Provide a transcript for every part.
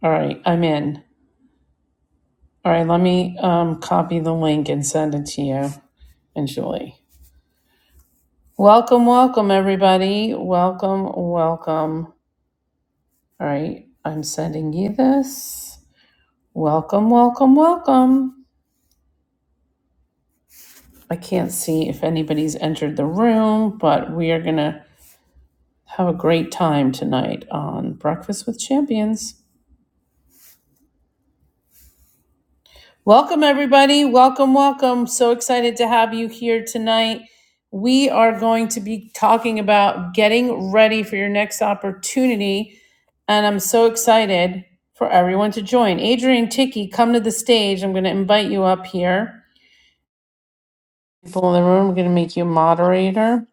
All right, I'm in. All right, let me um, copy the link and send it to you and Julie. Welcome, welcome, everybody. Welcome, welcome. All right, I'm sending you this. Welcome, welcome, welcome. I can't see if anybody's entered the room, but we are going to have a great time tonight on Breakfast with Champions. Welcome, everybody. Welcome, welcome. So excited to have you here tonight. We are going to be talking about getting ready for your next opportunity. And I'm so excited for everyone to join. Adrian Ticky, come to the stage. I'm going to invite you up here. People in the room, we're going to make you a moderator.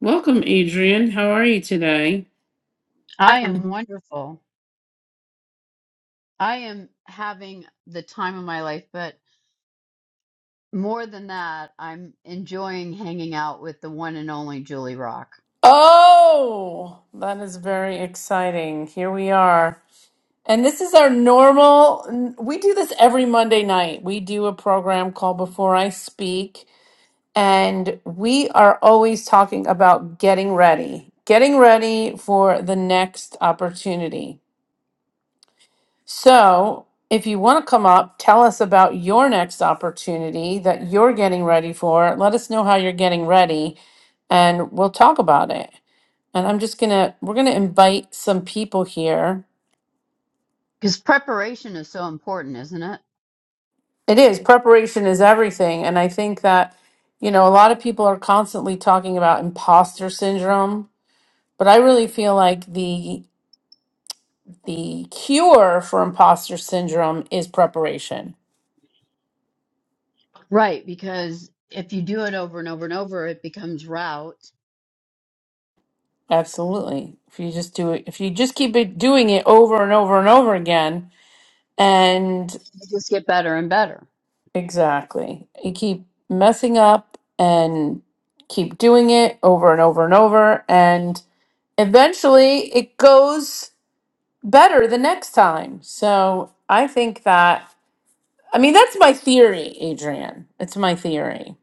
Welcome, Adrian. How are you today? I I am am. wonderful. I am having the time of my life, but more than that, I'm enjoying hanging out with the one and only Julie Rock. Oh, that is very exciting. Here we are. And this is our normal, we do this every Monday night. We do a program called Before I Speak, and we are always talking about getting ready, getting ready for the next opportunity. So, if you want to come up, tell us about your next opportunity that you're getting ready for. Let us know how you're getting ready, and we'll talk about it. And I'm just going to, we're going to invite some people here Because preparation is so important, isn't it? It is. Preparation is everything. And I think that, you know, a lot of people are constantly talking about imposter syndrome, but I really feel like the the cure for imposter syndrome is preparation. Right, because if you do it over and over and over, it becomes route. Absolutely. If you just do it, if you just keep it doing it over and over and over again, and You just get better and better. exactly, you keep messing up and keep doing it over and over and over, and eventually it goes better the next time. So I think that, I mean, that's my theory, Adrian. It's my theory.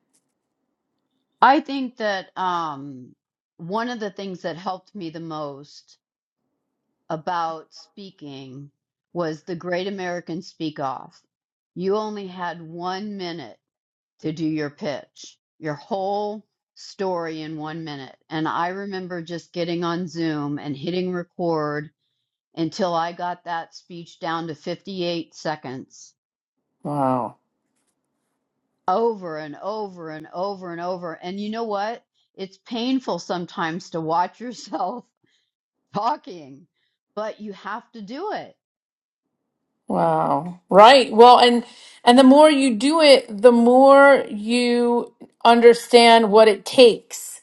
I think that um, one of the things that helped me the most about speaking was the Great American Speak Off. You only had one minute to do your pitch, your whole story in one minute. And I remember just getting on Zoom and hitting record until I got that speech down to 58 seconds Wow. over and over and over and over. And you know what? It's painful sometimes to watch yourself talking, but you have to do it. Wow. Right. Well, and, and the more you do it, the more you understand what it takes.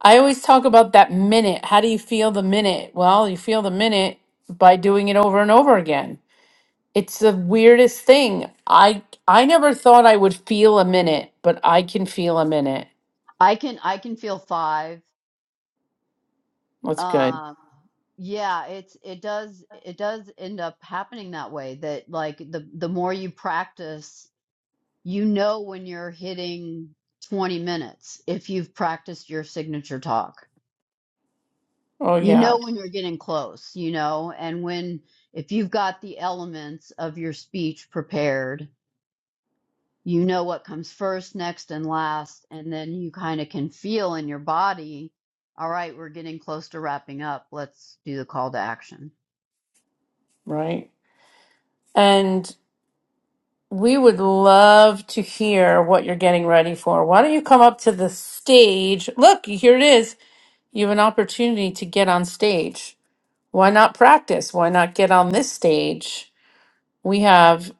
I always talk about that minute. How do you feel the minute? Well, you feel the minute by doing it over and over again. It's the weirdest thing. I I never thought I would feel a minute, but I can feel a minute. I can I can feel 5 That's good. Um, yeah, it's it does it does end up happening that way that like the the more you practice, you know when you're hitting 20 minutes if you've practiced your signature talk. Oh You yeah. know when you're getting close, you know, and when if you've got the elements of your speech prepared, you know what comes first, next, and last, and then you kind of can feel in your body, all right, we're getting close to wrapping up. Let's do the call to action. right? And we would love to hear what you're getting ready for. Why don't you come up to the stage? Look, here it is. You have an opportunity to get on stage. Why not practice? Why not get on this stage? We have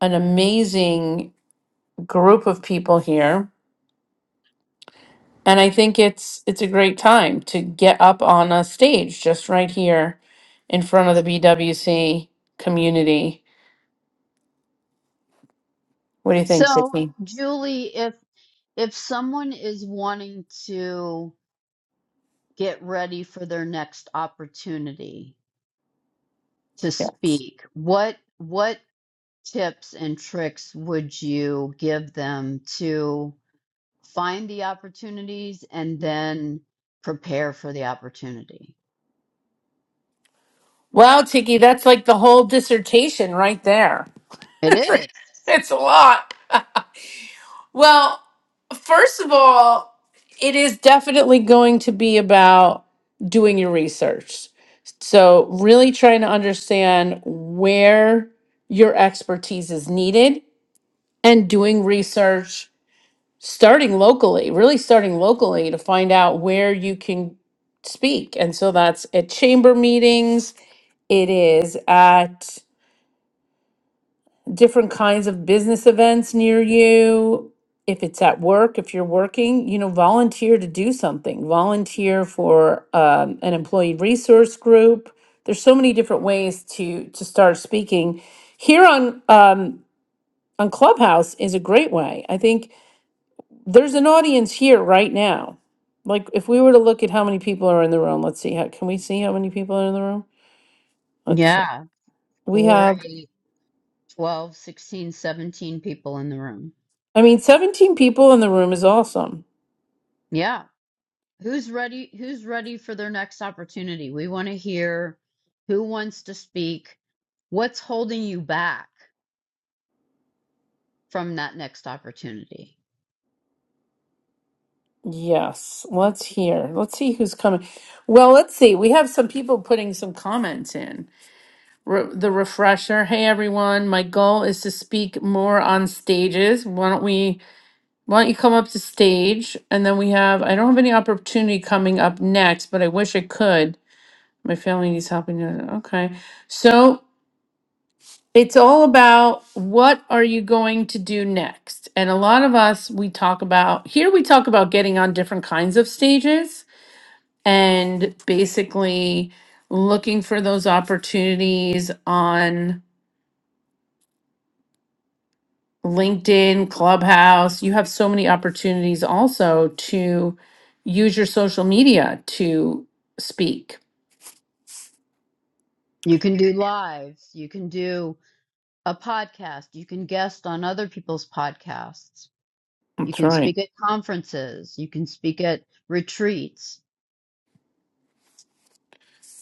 an amazing group of people here, and I think it's it's a great time to get up on a stage just right here in front of the BWC community. What do you think, So, Sydney? Julie, if if someone is wanting to get ready for their next opportunity to Yes. speak, what what tips and tricks would you give them to find the opportunities and then prepare for the opportunity? Wow, Tiki, that's like the whole dissertation right there. It is. It's a lot. well, first of all, it is definitely going to be about doing your research. So, really trying to understand where your expertise is needed and doing research starting locally, really starting locally to find out where you can speak. And so that's at chamber meetings, it is at different kinds of business events near you. If it's at work, if you're working, you know, volunteer to do something, volunteer for um, an employee resource group. There's so many different ways to to start speaking. Here on um, on Clubhouse is a great way. I think there's an audience here right now. Like if we were to look at how many people are in the room, let's see how can we see how many people are in the room? Let's Yeah, we 4, have 8, 12, sixteen, seventeen people in the room. I mean 17 people in the room is awesome. Yeah. Who's ready? Who's ready for their next opportunity? We want to hear who wants to speak. What's holding you back from that next opportunity? Yes, let's hear. Let's see who's coming. Well, let's see. We have some people putting some comments in. Re- the refresher. Hey, everyone. My goal is to speak more on stages. Why don't we? Why don't you come up to stage? And then we have. I don't have any opportunity coming up next, but I wish I could. My family needs help. and- Okay, so it's all about what are you going to do next. And a lot of us we talk about here. We talk about getting on different kinds of stages and basically looking for those opportunities on LinkedIn, Clubhouse. You have so many opportunities also to use your social media to speak. You can do lives, you can do a podcast, you can guest on other people's podcasts, you That's can right. speak at conferences, you can speak at retreats.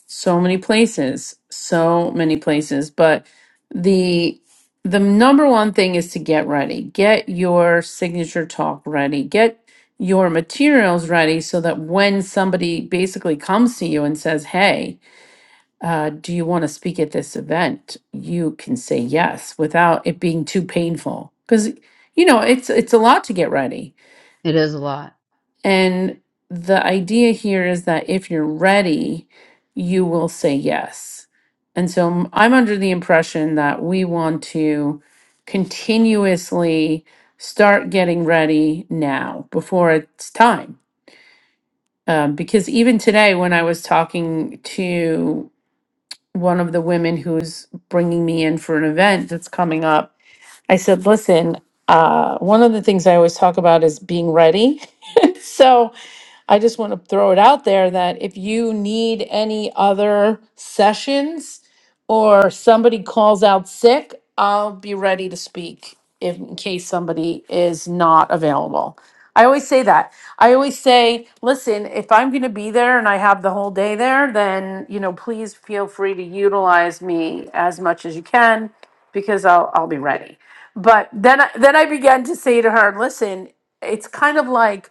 So many places, so many places, but the the number one thing is to get ready. Get your signature talk ready. Get your materials ready so that when somebody basically comes to you and says, "Hey, uh, do you want to speak at this event? You can say yes without it being too painful. Because, you know, it's it's a lot to get ready. It is a lot. And the idea here is that if you're ready, you will say yes. And so m- I'm under the impression that we want to continuously start getting ready now before it's time. Um, because even today, when I was talking to one of the women who's bringing me in for an event that's coming up I said, listen, uh, one of the things I always talk about is being ready. so I just want to throw it out there that if you need any other sessions or somebody calls out sick, I'll be ready to speak if, in case somebody is not available. I always say that. I always say, listen, if I'm going to be there and I have the whole day there, then, you know, please feel free to utilize me as much as you can because I'll I'll be ready but then I, then I began to say to her, "Listen, it's kind of like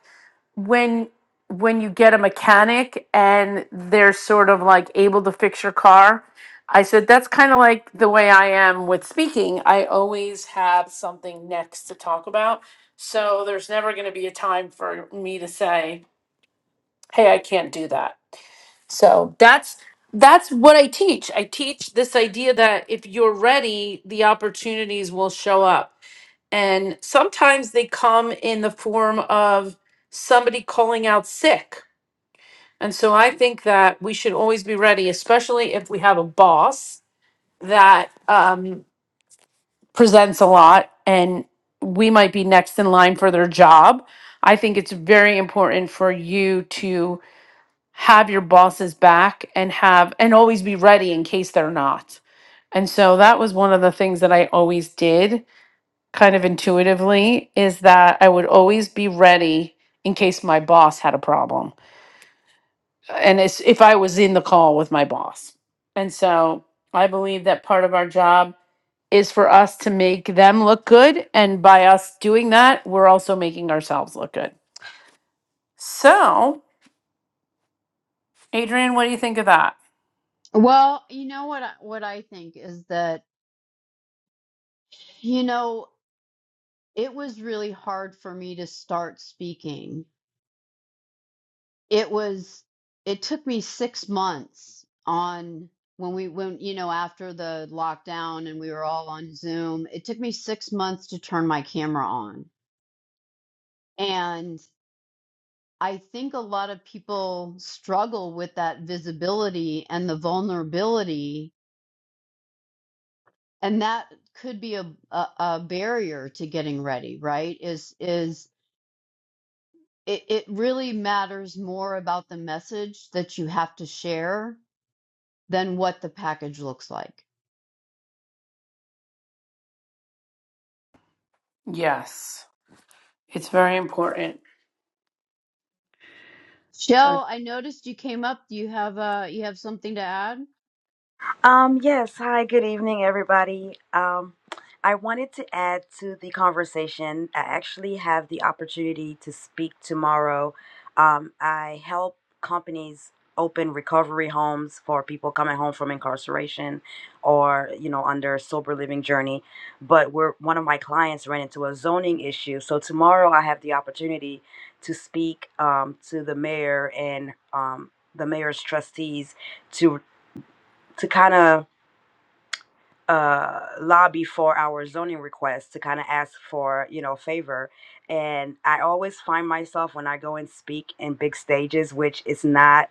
when when you get a mechanic and they're sort of like able to fix your car." I said, "That's kind of like the way I am with speaking. I always have something next to talk about, so there's never going to be a time for me to say, "Hey, I can't do that." So that's that's what I teach. I teach this idea that if you're ready, the opportunities will show up and sometimes they come in the form of somebody calling out sick. And so I think that we should always be ready, especially if we have a boss that um, presents a lot and we might be next in line for their job. I think it's very important for you to have your boss's back and have and always be ready in case they're not. And so that was one of the things that I always did kind of intuitively is that I would always be ready in case my boss had a problem. And it's if I was in the call with my boss. And so I believe that part of our job is for us to make them look good. And by us doing that, we're also making ourselves look good. So, Adrian, what do you think of that? Well, you know what I, what I think is that you know it was really hard for me to start speaking it was it took me six months on when we went you know after the lockdown and we were all on zoom it took me six months to turn my camera on and i think a lot of people struggle with that visibility and the vulnerability and that could be a, a, a barrier to getting ready right is is it, it really matters more about the message that you have to share than what the package looks like Yes, it's very important. Right. Shell, I noticed you came up. Do you have uh you have something to add? Um, yes. Hi, good evening, everybody. Um, I wanted to add to the conversation. I actually have the opportunity to speak tomorrow. Um, I help companies open recovery homes for people coming home from incarceration or, you know, under a sober living journey. But we're one of my clients ran into a zoning issue. So tomorrow I have the opportunity to speak um, to the mayor and um, the mayor's trustees to to kind of uh lobby for our zoning request to kind of ask for you know favor and i always find myself when i go and speak in big stages which is not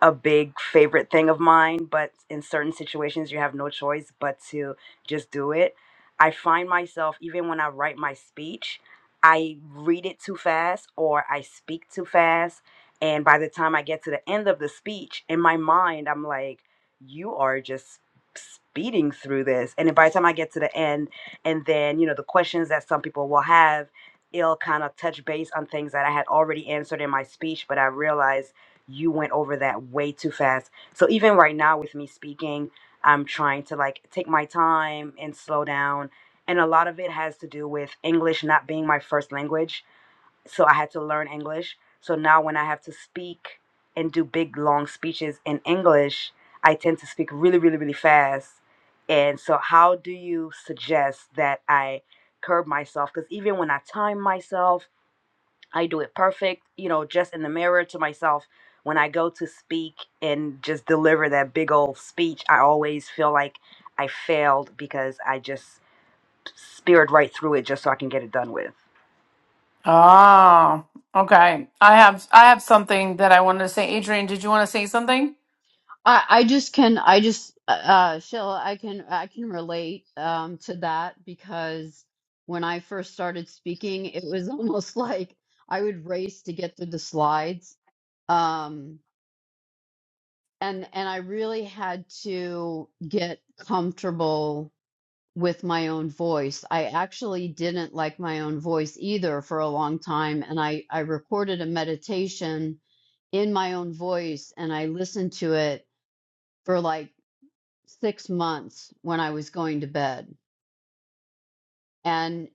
a big favorite thing of mine, but in certain situations, you have no choice but to just do it. I find myself, even when I write my speech, I read it too fast or I speak too fast. And by the time I get to the end of the speech, in my mind, I'm like, you are just speeding through this. And then by the time I get to the end, and then, you know, the questions that some people will have, it'll kind of touch base on things that I had already answered in my speech, but I realize you went over that way too fast. So even right now with me speaking, I'm trying to like take my time and slow down. And a lot of it has to do with English not being my first language. So I had to learn English. So now when I have to speak and do big long speeches in English, I tend to speak really, really, really fast. And so how do you suggest that I curb myself? Because even when I time myself, I do it perfect, you know, just in the mirror to myself. When I go to speak and just deliver that big old speech, I always feel like I failed because I just speared right through it just so I can get it done with. Ah, okay. I have I have something that I wanted to say. Adrian, did you want to say something? I I just can I just uh uh, Shell, I can I can relate um to that because when I first started speaking, it was almost like I would race to get through the slides. Um and and I really had to get comfortable with my own voice. I actually didn't like my own voice either for a long time, and I I recorded a meditation in my own voice and I listened to it for like six months when I was going to bed. And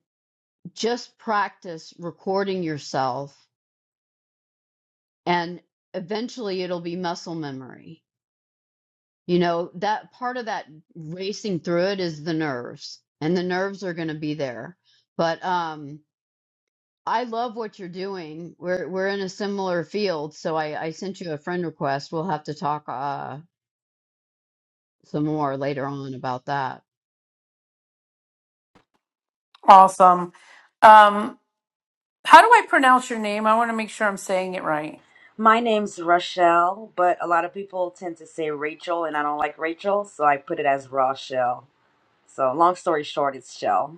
just practice recording yourself and eventually it'll be muscle memory. You know, that part of that racing through it is the nerves and the nerves are going to be there. But, um, I love what you're doing. We're we're in a similar field, so I, I sent you a friend request. We'll have to talk uh, some more later on about that. Awesome. Um, how do I pronounce your name? I want to make sure I'm saying it right. My name's Rochelle, but a lot of people tend to say Rachel, and I don't like Rachel, so I put it as Rochelle. So, long story short, it's Shell.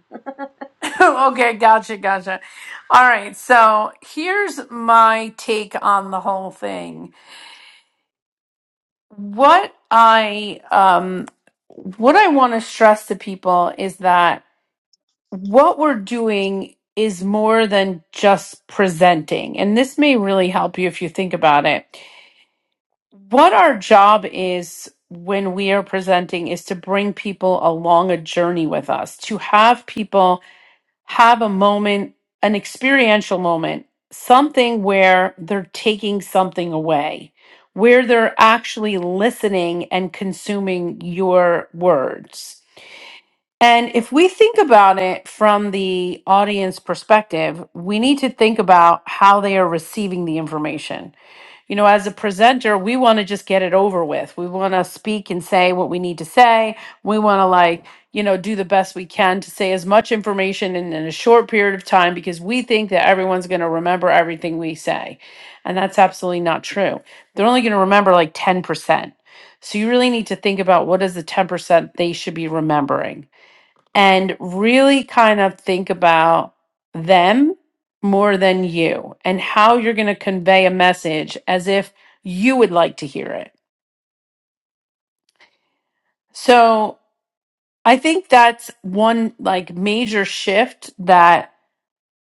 okay, gotcha, gotcha. All right, so here's my take on the whole thing. What I um what I want to stress to people is that what we're doing is more than just presenting. And this may really help you if you think about it. what our job is when we are presenting is to bring people along a journey with us, to have people have a moment, an experiential moment, something where they're taking something away, where they're actually listening and consuming your words. And if we think about it from the audience perspective, we need to think about how they are receiving the information you know, as a presenter, we want to just get it over with. We want to speak and say what we need to say. We want to, like, you know, do the best we can to say as much information in, in a short period of time because we think that everyone's going to remember everything we say. And that's absolutely not true. They're only going to remember like 10%. So you really need to think about what is the 10% they should be remembering and really kind of think about them more than you and how you're going to convey a message as if you would like to hear it. So I think that's one like major shift that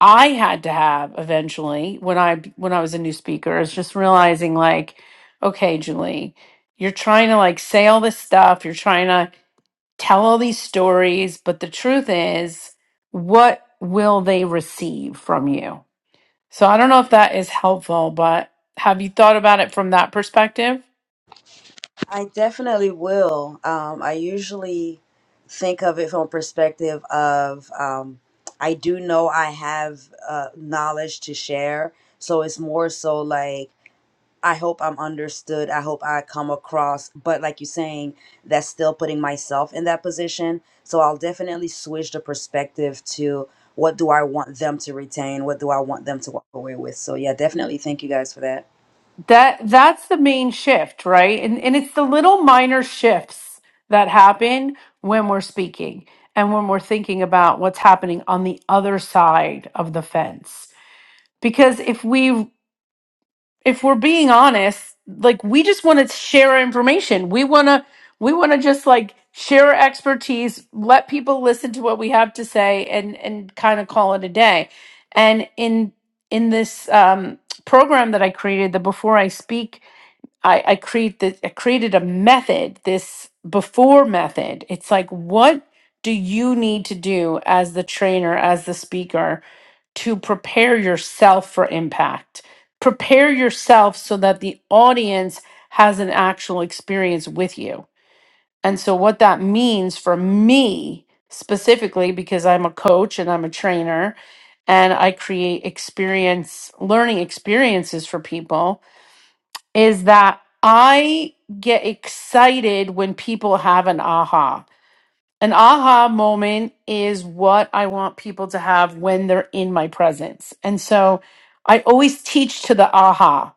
I had to have eventually when I when I was a new speaker is just realizing like okay Julie you're trying to like say all this stuff you're trying to tell all these stories, but the truth is, what will they receive from you? So I don't know if that is helpful, but have you thought about it from that perspective? I definitely will. Um, I usually think of it from a perspective of um, I do know I have uh, knowledge to share. So it's more so like, I hope I'm understood. I hope I come across. But like you're saying, that's still putting myself in that position. So I'll definitely switch the perspective to what do I want them to retain? What do I want them to walk away with? So yeah, definitely thank you guys for that. that that's the main shift right and and it's the little minor shifts that happen when we're speaking and when we're thinking about what's happening on the other side of the fence because if we if we're being honest like we just want to share our information we want to we want to just like share our expertise let people listen to what we have to say and and kind of call it a day and in in this um program that i created the before i speak I, I create this I created a method, this before method. It's like what do you need to do as the trainer, as the speaker to prepare yourself for impact? Prepare yourself so that the audience has an actual experience with you. And so what that means for me specifically because I'm a coach and I'm a trainer and I create experience learning experiences for people is that I get excited when people have an aha. An aha moment is what I want people to have when they're in my presence. And so I always teach to the aha.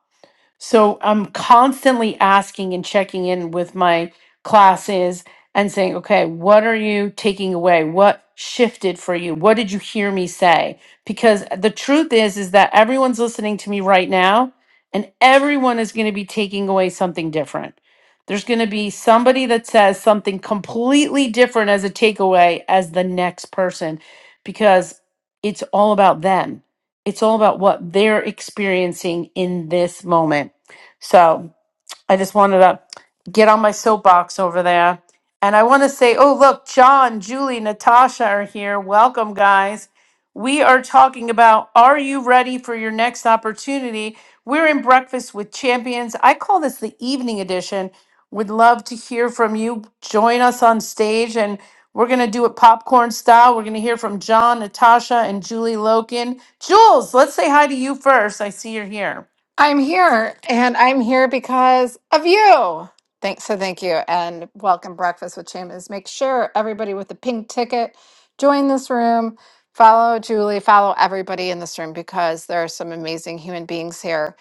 So I'm constantly asking and checking in with my classes and saying, okay, what are you taking away? What shifted for you? What did you hear me say? Because the truth is, is that everyone's listening to me right now and everyone is going to be taking away something different. There's going to be somebody that says something completely different as a takeaway as the next person because it's all about them it's all about what they're experiencing in this moment. So I just wanted to get on my soapbox over there. And I want to say, oh, look, John, Julie, Natasha are here. Welcome, guys. We are talking about are you ready for your next opportunity? We're in Breakfast with Champions. I call this the evening edition. Would love to hear from you. Join us on stage, and we're going to do it popcorn style. We're going to hear from John, Natasha, and Julie Loken. Jules, let's say hi to you first. I see you're here. I'm here, and I'm here because of you. Thanks, so thank you, and welcome Breakfast with Champions. Make sure everybody with the pink ticket join this room. Follow Julie, follow everybody in this room because there are some amazing human beings here.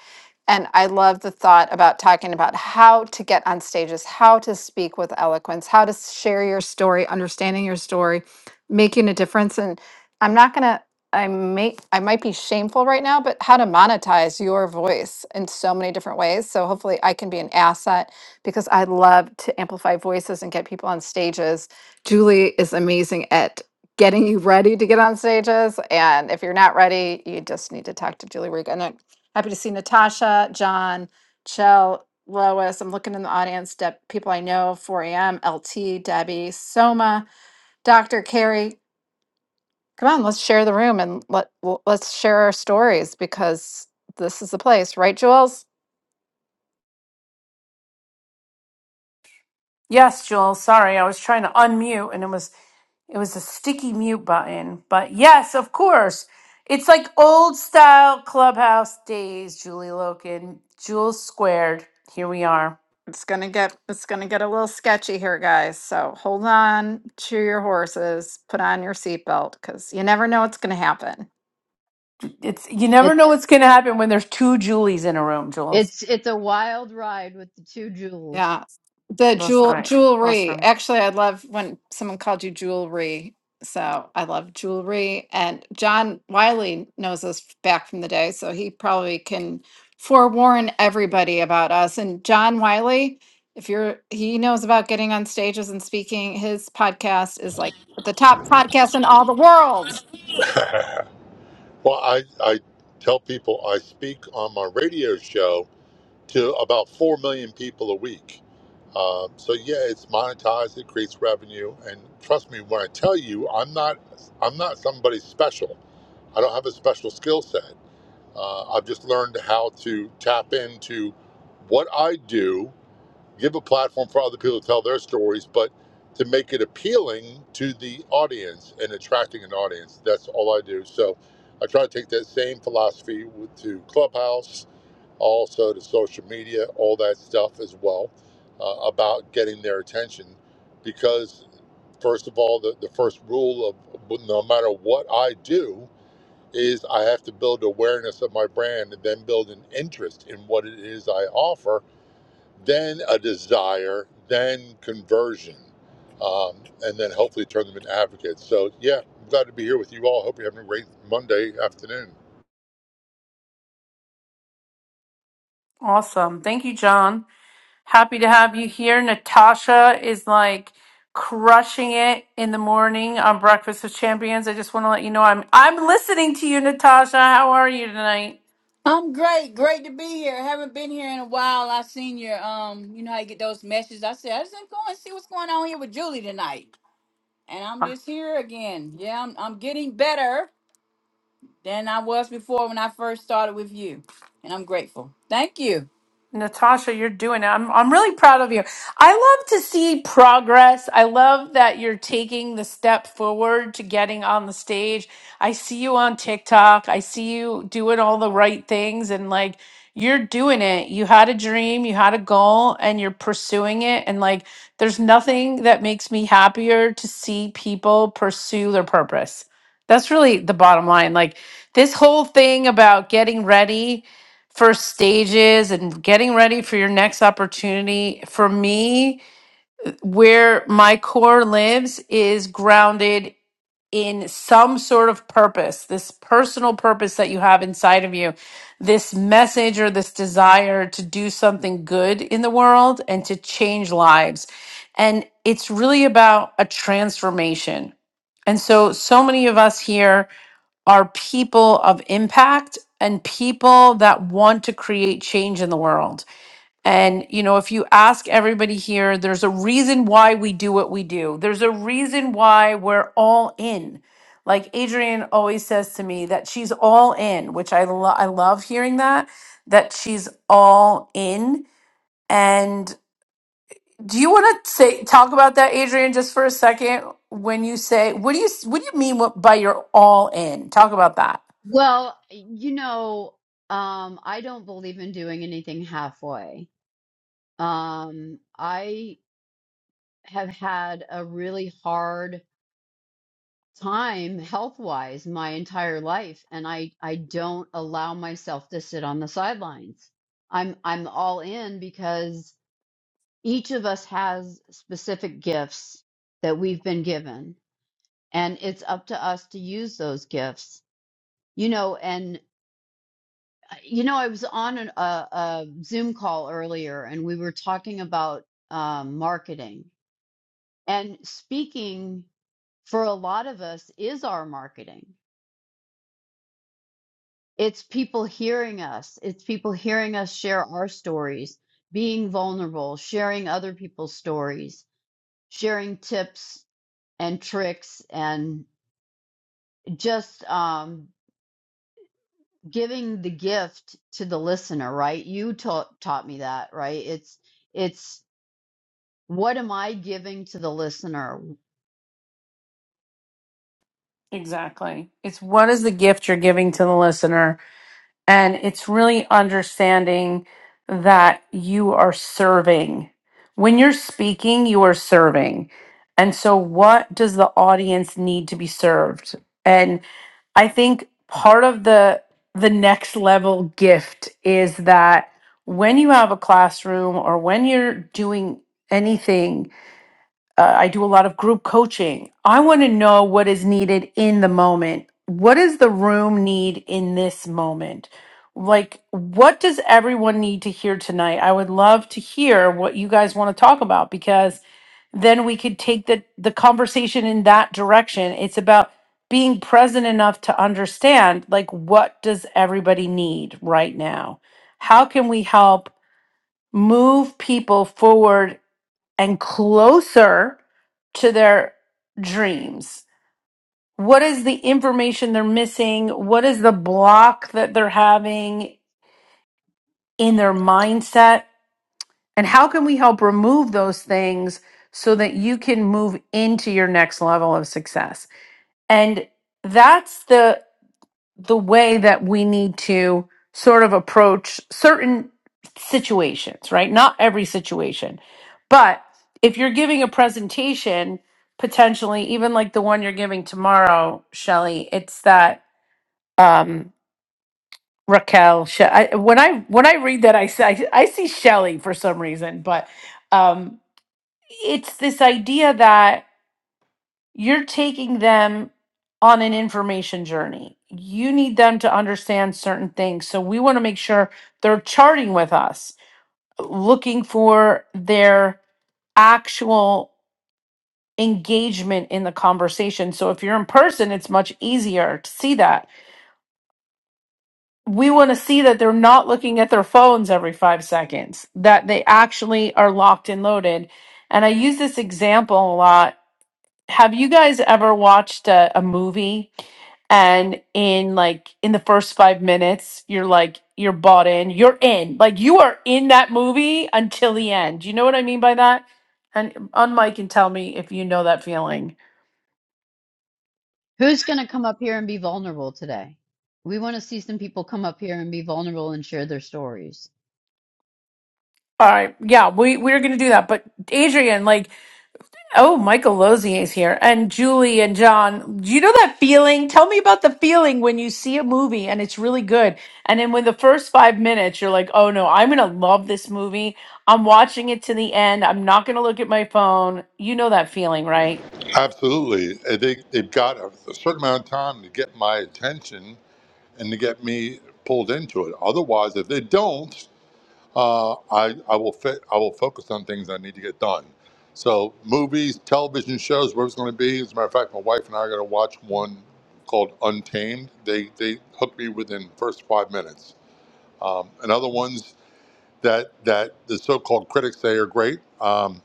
And I love the thought about talking about how to get on stages, how to speak with eloquence, how to share your story, understanding your story, making a difference. And I'm not going to. I may I might be shameful right now, but how to monetize your voice in so many different ways. So hopefully I can be an asset because I love to amplify voices and get people on stages. Julie is amazing at getting you ready to get on stages. And if you're not ready, you just need to talk to Julie Riga. And I'm happy to see Natasha, John, Chell, Lois. I'm looking in the audience, Deb, people I know, 4 a.m., LT, Debbie, Soma, Dr. Carrie. Come on, let's share the room and let w- let's share our stories because this is the place, right, Jules? Yes, Jules. Sorry, I was trying to unmute and it was it was a sticky mute button. But yes, of course. It's like old style clubhouse days, Julie Loken. Jules squared. Here we are. It's gonna get it's gonna get a little sketchy here, guys. So hold on to your horses, put on your seatbelt, because you never know what's gonna happen. It's you never know what's gonna happen when there's two Julies in a room, Jules. It's it's a wild ride with the two jewels. Yeah. The That's jewel right. jewelry. Awesome. Actually, I love when someone called you jewelry. So I love jewelry. And John Wiley knows us f- back from the day, so he probably can forewarn everybody about us. And John Wiley, if you're he knows about getting on stages and speaking, his podcast is like the top podcast in all the world. well, I, I tell people I speak on my radio show to about 4 million people a week. Um, so yeah, it's monetized, it creates revenue, and trust me when I tell you, I'm not, I'm not somebody special. I don't have a special skill set. Uh, I've just learned how to tap into what I do give a platform for other people to tell their stories, but to make it appealing to the audience and attracting an audience. That's all I do. So I try to take that same philosophy to Clubhouse, also to social media, all that stuff as well, uh, about getting their attention. Because, first of all, the, the first rule of no matter what I do is I have to build awareness of my brand and then build an interest in what it is I offer then a desire, then conversion, um, and then hopefully turn them into advocates. So, yeah, I'm glad to be here with you all. Hope you're having a great Monday afternoon. Awesome. Thank you, John. Happy to have you here. Natasha is like crushing it in the morning on Breakfast with Champions. I just want to let you know I'm I'm listening to you, Natasha. How are you tonight? I'm great. Great to be here. Haven't been here in a while. I seen your um, you know how you get those messages. I said I just go and see what's going on here with Julie tonight. And I'm just here again. Yeah, I'm I'm getting better than I was before when I first started with you. And I'm grateful. Thank you. Natasha, you're doing it. I'm I'm really proud of you. I love to see progress. I love that you're taking the step forward to getting on the stage. I see you on TikTok. I see you doing all the right things and like you're doing it. You had a dream, you had a goal and you're pursuing it and like there's nothing that makes me happier to see people pursue their purpose. That's really the bottom line. Like this whole thing about getting ready first stages and getting ready for your next opportunity. For me, where my core lives is grounded in some sort of purpose, this personal purpose that you have inside of you, this message or this desire to do something good in the world and to change lives. And it's really about a transformation. And so, so many of us here are people of impact and people that want to create change in the world. And, you know, if you ask everybody here, there's a reason why we do what we do, there's a reason why we're all in. Like Adrienne always says to me that she's all in, which I, lo- I love hearing that, that she's all in. And do you want to say talk about that, Adrienne, just for a second? When you say, what do you what do you mean what, by you're all in? Talk about that. Well, you know, um, I don't believe in doing anything halfway. Um, I have had a really hard time health-wise my entire life, and I I don't allow myself to sit on the sidelines. I'm I'm all in because each of us has specific gifts that we've been given, and it's up to us to use those gifts. You know, and uh, you know, I was on an, a, a Zoom call earlier, and we were talking about um, marketing. And speaking for a lot of us is our marketing. It's people hearing us. It's people hearing us share our stories, being vulnerable, sharing other people's stories, sharing tips and tricks, and just um, giving the gift to the listener. Right? You ta- taught me that. Right? It's it's What am I giving to the listener? Exactly. It's what is the gift you're giving to the listener? And it's really understanding that you are serving. When you're speaking, you are serving. And so, what does the audience need to be served? And I think part of the the next level gift is that when you have a classroom or when you're doing anything uh, I do a lot of group coaching. I want to know what is needed in the moment. What does the room need in this moment? Like, what does everyone need to hear tonight? I would love to hear what you guys want to talk about because then we could take the, the conversation in that direction. It's about being present enough to understand, like, what does everybody need right now? How can we help move people forward and closer to their dreams? What is the information they're missing? What is the block that they're having in their mindset? And how can we help remove those things so that you can move into your next level of success? And that's the the way that we need to sort of approach certain situations, right? Not every situation. But if you're giving a presentation, potentially, even like the one you're giving tomorrow, Shelly, it's that um, Raquel. She- I, when I when I read that, I see, I, I see Shelly for some reason, but um, it's this idea that you're taking them on an information journey. You need them to understand certain things. So we want to make sure they're charting with us, looking for their actual engagement in the conversation. So if you're in person, it's much easier to see that. We want to see that they're not looking at their phones every five seconds, that they actually are locked and loaded. And I use this example a lot have you guys ever watched a, a movie and in like in the first five minutes you're like you're bought in you're in like you are in that movie until the end you know what i mean by that and on mike and tell me if you know that feeling Who's going to come up here and be vulnerable today? We want to see some people come up here and be vulnerable and share their stories. all right yeah we we're gonna do that but adrian like Oh, Michael Lozier is here, and Julie and John. Do you know that feeling? Tell me about the feeling when you see a movie and it's really good, and then when the first five minutes you're like, "Oh no, I'm gonna love this movie. I'm watching it to the end. I'm not gonna look at my phone." You know that feeling, right? Absolutely. I think they've got a certain amount of time to get my attention and to get me pulled into it. Otherwise, if they don't, Uh, I, I will fit, I will focus on things I need to get done. So movies, television shows, where it's going to be. As a matter of fact, my wife and I are going to watch one called Untamed. They they hooked me within the first five minutes. Um, and other ones that that the so-called critics say are great. Um,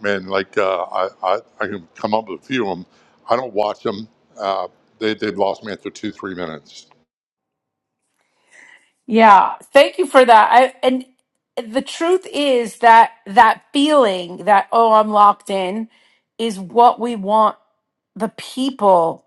man, like uh, I, I I can come up with a few of them. I don't watch them. Uh, they they've lost me after two three minutes. Yeah. Thank you for that. I and the truth is that that feeling that oh, I'm locked in, is what we want the people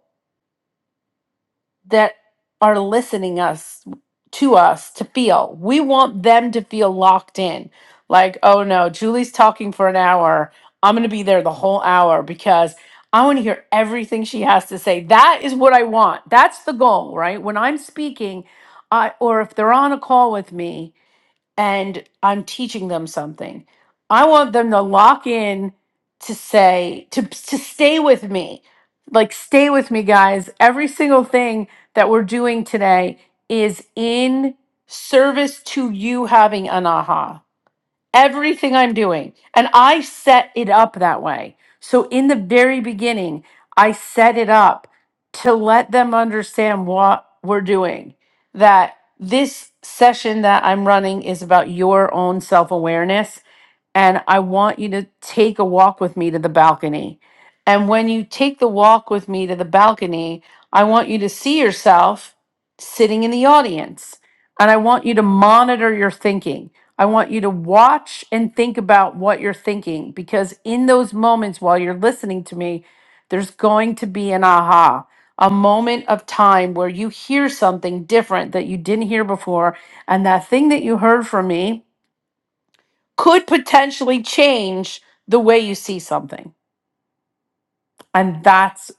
that are listening us to us to feel. We want them to feel locked in. Like, oh no, Julie's talking for an hour. I'm going to be there the whole hour because I want to hear everything she has to say. That is what I want. That's the goal, right? When I'm speaking, I or if they're on a call with me, and I'm teaching them something. I want them to lock in to say to to stay with me. Like stay with me guys. Every single thing that we're doing today is in service to you having an aha everything I'm doing. And I set it up that way. So in the very beginning, I set it up to let them understand what we're doing. That this session that I'm running is about your own self awareness and I want you to take a walk with me to the balcony. And when you take the walk with me to the balcony, I want you to see yourself sitting in the audience. And I want you to monitor your thinking. I want you to watch and think about what you're thinking because in those moments while you're listening to me, there's going to be an aha, a moment of time where you hear something different that you didn't hear before. And that thing that you heard from me, could potentially change the way you see something. And that's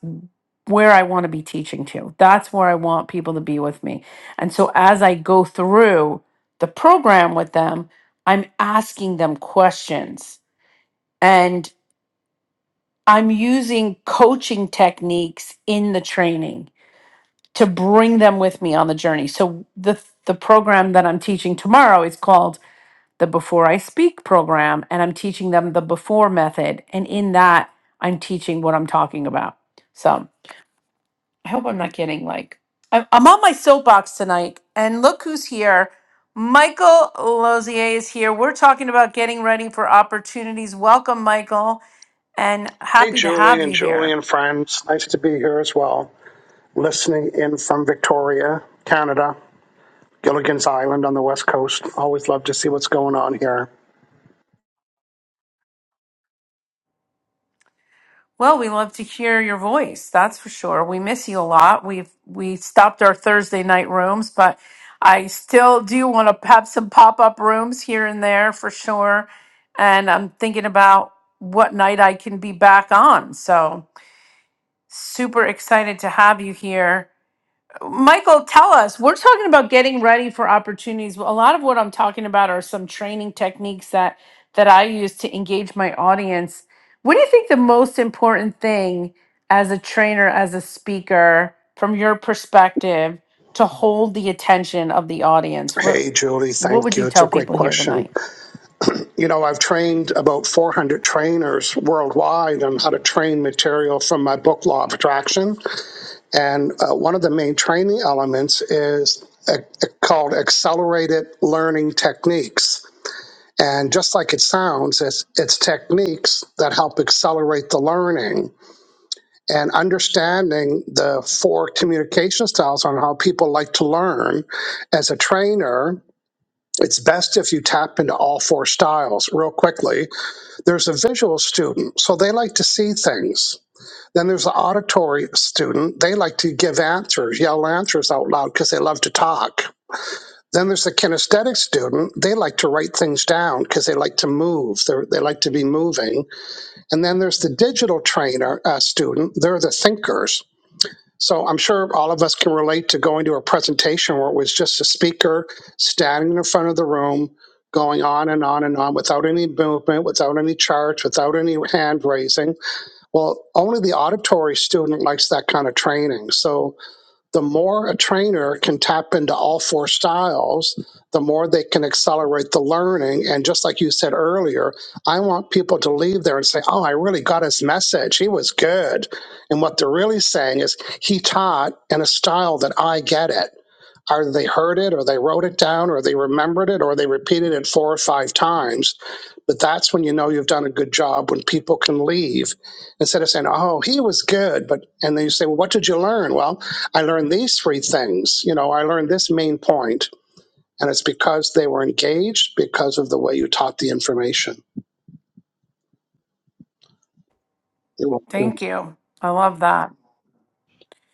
where I want to be teaching to. That's where I want people to be with me. And so as I go through the program with them, I'm asking them questions and I'm using coaching techniques in the training to bring them with me on the journey. So the the program that I'm teaching tomorrow is called the Before I Speak program, and I'm teaching them the before method. And in that, I'm teaching what I'm talking about. So I hope I'm not getting like, I- I'm on my soapbox tonight. And look who's here. Michael Lozier is here. We're talking about getting ready for opportunities. Welcome, Michael, and Hey, happy to Julie have and you Julie here. and friends. Nice to be here as well. Listening in from Victoria, Canada, Gilligan's Island on the West Coast. Always love to see what's going on here. Well, we love to hear your voice. That's for sure. We miss you a lot. We've we stopped our Thursday night rooms, but I still do want to have some pop up rooms here and there for sure. And I'm thinking about what night I can be back on. So super excited to have you here. Michael, tell us. We're talking about getting ready for opportunities. A lot of what I'm talking about are some training techniques that that I use to engage my audience. What do you think the most important thing as a trainer, as a speaker, from your perspective, to hold the attention of the audience? What Hey, Julie, what thank would you you. It's a tell great people here question. tonight? You know, I've trained about 400 trainers worldwide on how to train material from my book, Law of Attraction. And uh, one of the main training elements is uh, called accelerated learning techniques And just like it sounds, it's, it's techniques that help accelerate the learning and understanding the four communication styles on how people like to learn. As a trainer, it's best if you tap into all four styles real quickly. There's a visual student, so they like to see things. Then there's the auditory student. They like to give answers, yell answers out loud because they love to talk then there's the kinesthetic student. They like to write things down because they like to move. They're, they like to be moving. And then there's the digital trainer uh, student. They're the thinkers. So I'm sure all of us can relate to going to a presentation where it was just a speaker standing in front of the room, going on and on and on without any movement, without any charts, without any hand raising. Well, only the auditory student likes that kind of training. So the more a trainer can tap into all four styles, the more they can accelerate the learning. And just like you said earlier, I want people to leave there and say, Oh, I really got his message. He was good. And what they're really saying is, He taught in a style that I get it. Either they heard it or they wrote it down or they remembered it or they repeated it four or five times. But that's when you know you've done a good job when people can leave instead of saying, oh, he was good. But, and then you say, well, what did you learn? Well, I learned these three things. You know, I learned this main point. And it's because they were engaged because of the way you taught the information. It will- Thank you. I love that.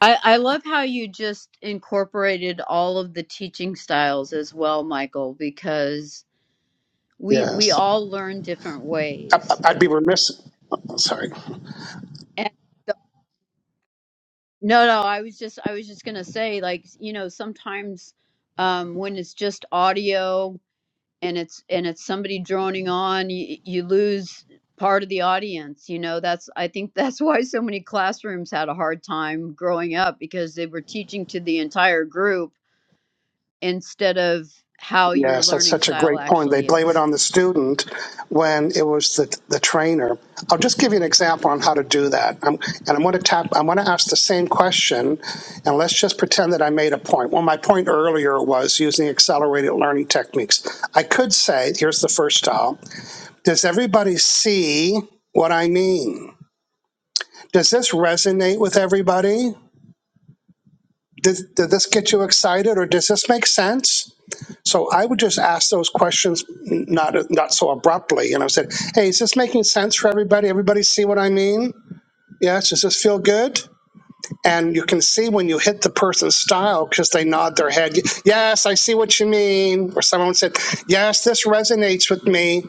I, I love how you just incorporated all of the teaching styles as well, Michael, because we we Yes. all learn different I, ways. I'd be remiss. oh, Sorry. And the- no, no, I was just I was just gonna say, like, you know, sometimes um, when it's just audio, and it's and it's somebody droning on you, you lose part of the audience you know that's i think that's why so many classrooms had a hard time growing up because they were teaching to the entire group instead of how your Yes, that's learning such a style great point. They actually blame it is on the student when it was the, the trainer. I'll just give you an example on how to do that. i and I'm going to tap. I'm going to ask the same question, and let's just pretend that I made a point. Well, my point earlier was using accelerated learning techniques. I could say, here's the first style. Does everybody see what I mean? Does this resonate with everybody? Did, did this get you excited, or does this make sense? So I would just ask those questions n- not not so abruptly. And I said, "Hey, is this making sense for everybody? Everybody see what I mean? Yes. Does this feel good?" And you can see when you hit the person's style because they nod their head. Yes, I see what you mean. Or someone said, "Yes, this resonates with me."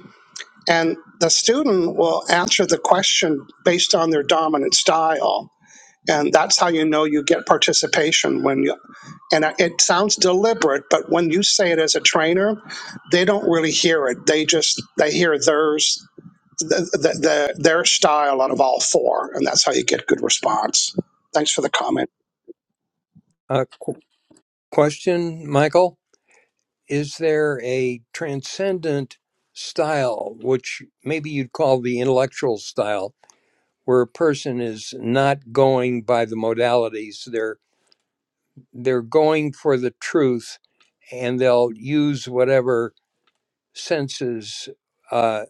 And the student will answer the question based on their dominant style and that's how you know you get participation when you and it sounds deliberate but when you say it as a trainer they don't really hear it they just they hear theirs the, the, the, their style out of all four and that's how you get good response thanks for the comment Uh, qu- question, Michael. Is there a transcendent style, which maybe you'd call the intellectual style, where a person is not going by the modalities? They're they're going for the truth, and they'll use whatever senses uh,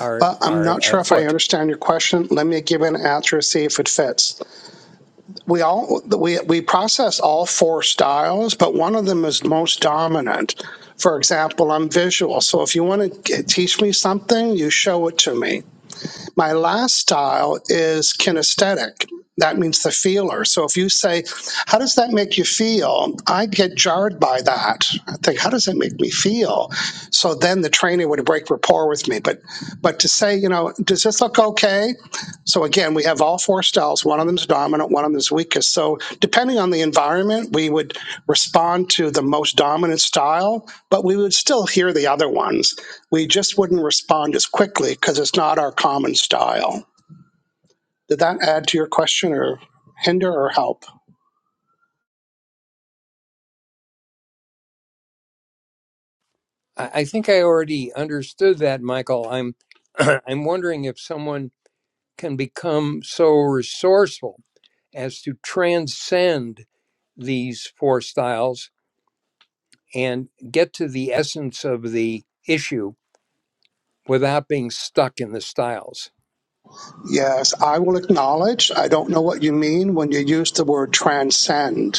are Uh, I'm are not sure at if I foot. understand your question. Let me give an answer, see if it fits. We all we we process all four styles, but one of them is most dominant. For example, I'm visual, so if you want to teach me something, you show it to me. My last style is kinesthetic. That means the feeler. So if you say, How does that make you feel? I'd get jarred by that. I think, How does that make me feel? So then the trainer would break rapport with me. But but to say, you know, does this look okay? So again, we have all four styles. One of them is dominant, one of them is weakest. So depending on the environment, we would respond to the most dominant style, but we would still hear the other ones. We just wouldn't respond as quickly because it's not our common style. Did that add to your question or hinder or help? I, I think I already understood that, Michael. I'm I'm wondering if someone can become so resourceful as to transcend these four styles and get to the essence of the issue without being stuck in the styles. Yes, I will acknowledge I don't know what you mean when you use the word transcend.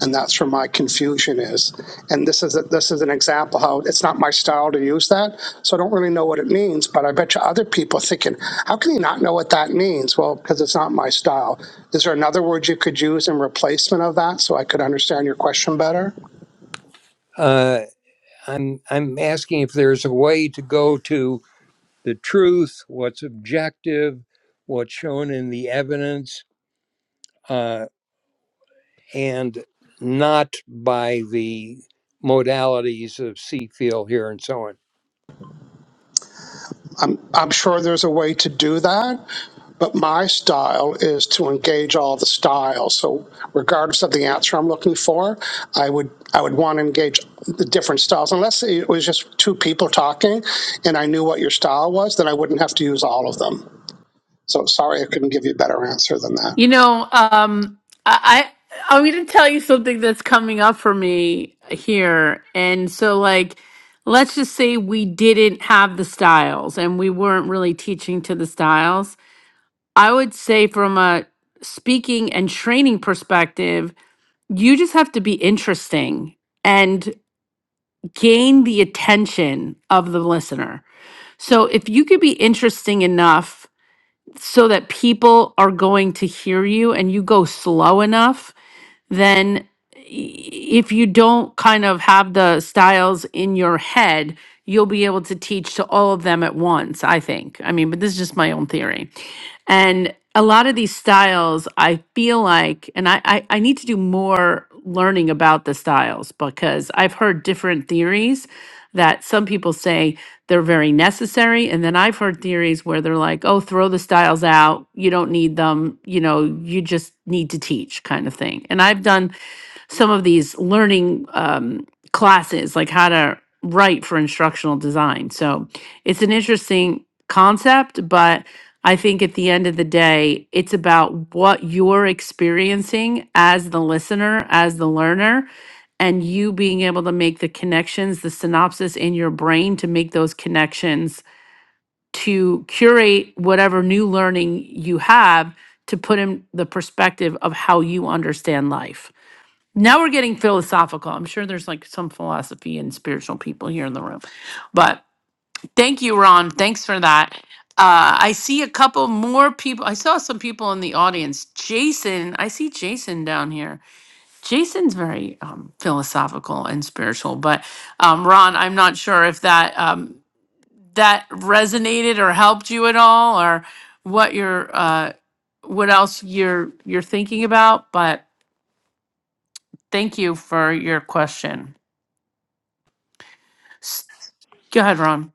and that's where my confusion is. And this is a, this is an example how it's not my style to use that, so I don't really know what it means. But I bet you other people are thinking, how can you not know what that means? Well, because it's not my style. Is there another word you could use in replacement of that so I could understand your question better? Uh, I'm I'm asking if there's a way to go to the truth, what's objective, what's shown in the evidence, uh, and not by the modalities of see, feel, hear, and so on. I'm, I'm sure there's a way to do that, but my style is to engage all the styles. So regardless of the answer I'm looking for, I would I would want to engage the different styles. Unless it was just two people talking and I knew what your style was, then I wouldn't have to use all of them. So sorry I couldn't give you a better answer than that. You know, um, I, I I'm going to tell you something that's coming up for me here, and so like, let's just say we didn't have the styles, and we weren't really teaching to the styles. I would say from a speaking and training perspective, you just have to be interesting and gain the attention of the listener. So if you could be interesting enough so that people are going to hear you and you go slow enough then i- if you don't kind of have the styles in your head, you'll be able to teach to all of them at once, I think. I mean, but this is just my own theory. And a lot of these styles, I feel like, and I, I, I need to do more learning about the styles because I've heard different theories that some people say they're very necessary. And then I've heard theories where they're like, oh, throw the styles out. You don't need them. You know, you just need to teach kind of thing. And I've done some of these learning um, classes, like how to write for instructional design. So it's an interesting concept, but I think at the end of the day, it's about what you're experiencing as the listener, as the learner, and you being able to make the connections, the synopsis in your brain to make those connections to curate whatever new learning you have to put in the perspective of how you understand life. Now we're getting philosophical. I'm sure there's like some philosophy and spiritual people here in the room. But thank you, Ron. Thanks for that. Uh, I see a couple more people. I saw some people in the audience. Jason, I see Jason down here. Jason's very um, philosophical and spiritual, but um, Ron, I'm not sure if that um, that resonated or helped you at all, or what you're uh, what else you're you're thinking about. But thank you for your question. S- Go ahead, Ron.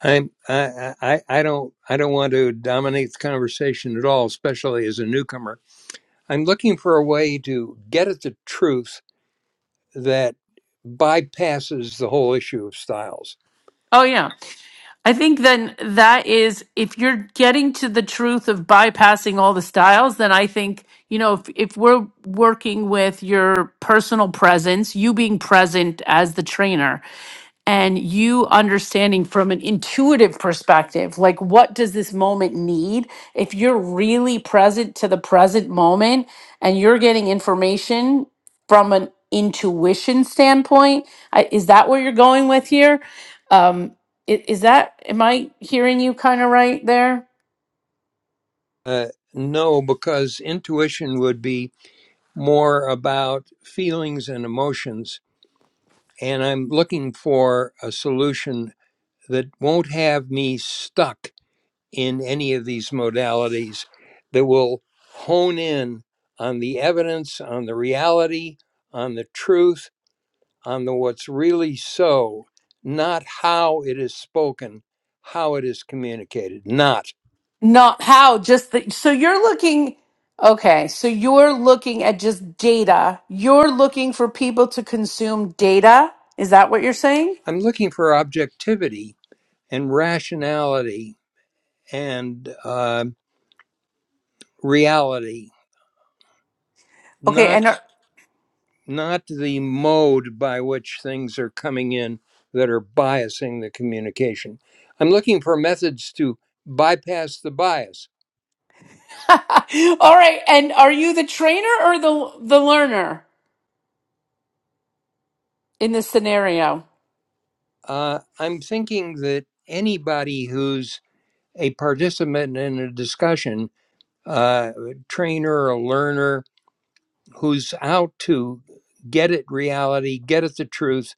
I'm I, I I don't I don't want to dominate the conversation at all, especially as a newcomer. I'm looking for a way to get at the truth that bypasses the whole issue of styles. Oh yeah. I think then that is if you're getting to the truth of bypassing all the styles, then I think, you know, if, if we're working with your personal presence, you being present as the trainer and you understanding from an intuitive perspective, like what does this moment need? If you're really present to the present moment and you're getting information from an intuition standpoint, I, is that where you're going with here? Um, I- Is that, am I hearing you kind of right there? Uh, no, because intuition would be more about feelings and emotions, and I'm looking for a solution that won't have me stuck in any of these modalities that will hone in on the evidence, on the reality, on the truth, on the what's really so, not how it is spoken, how it is communicated, not. Not how, just the, so you're looking, okay, so you're looking at just data. You're looking for people to consume data. Is that what you're saying? I'm looking for objectivity and rationality and uh, reality, Okay, not and are, not the mode by which things are coming in that are biasing the communication. I'm looking for methods to bypass the bias. all right, and are you the trainer or the the learner in this scenario? Uh, I'm thinking that anybody who's a participant in a discussion, uh, a trainer, a learner, who's out to get at reality, get at the truth,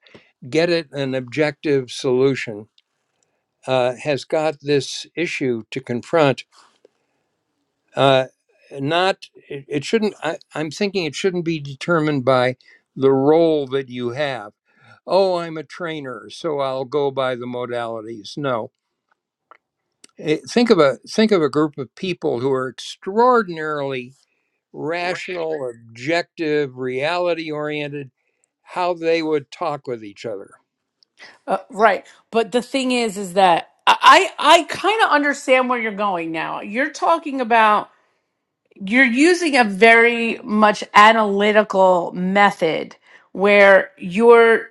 get at an objective solution, uh, has got this issue to confront uh, not it, it shouldn't I, i'm thinking it shouldn't be determined by the role that you have oh i'm a trainer so i'll go by the modalities no Eh, think of a think of a group of people who are extraordinarily rational objective reality oriented how they would talk with each other Uh, right. But the thing is, is that I I kind of understand where you're going now. You're talking about you're using a very much analytical method where you're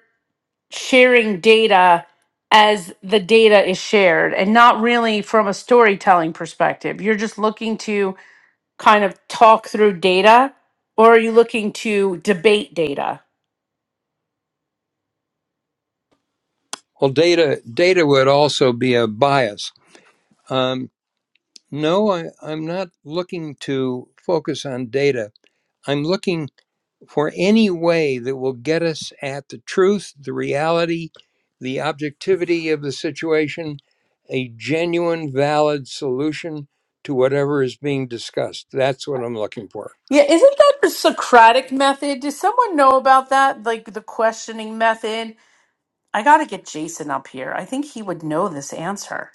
sharing data as the data is shared and not really from a storytelling perspective. You're just looking to kind of talk through data, or are you looking to debate data? well data data would also be a bias um, no I, i'm not looking to focus on data i'm looking for any way that will get us at the truth, the reality, the objectivity of the situation, a genuine, valid solution to whatever is being discussed. That's what I'm looking for. Yeah, isn't that the Socratic method? Does someone know about that? Like the questioning method? I got to get Jason up here. I think he would know this answer.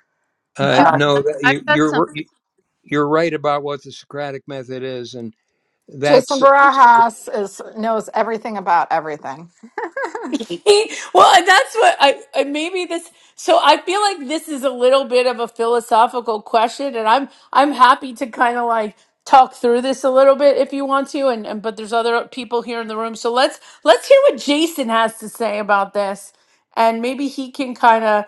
Uh, julie Uh, I, no, that- i've you, got you're something you're right about what the Socratic method is, and Jason that's Barajas is knows everything about everything. well, and that's what I, I maybe this. So I feel like this is a little bit of a philosophical question, and I'm I'm happy to kind of like talk through this a little bit if you want to, and, and but there's other people here in the room, so let's let's hear what Jason has to say about this, and maybe he can kind of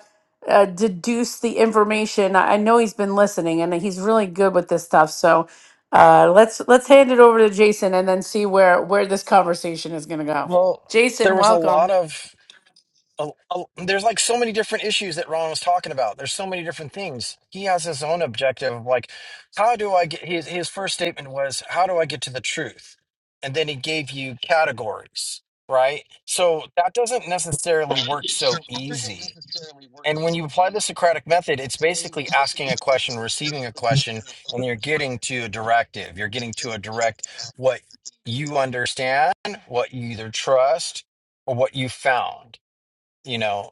uh, deduce the information. I, I know he's been listening, and he's really good with this stuff, so. Uh, let's let's hand it over to Jason and then see where where this conversation is going to go. Well, there Jason, was a welcome. lot of a, a- there's like so many different issues that Ron was talking about. There's so many different things. He has his own objective of like, how do I get his his first statement was, how do I get to the truth? And then he gave you categories, right? So that doesn't necessarily work so easy and when you apply the Socratic method, it's basically asking a question, receiving a question, and you're getting to a directive. You're getting to a direct what you understand, what you either trust, or what you found. You know,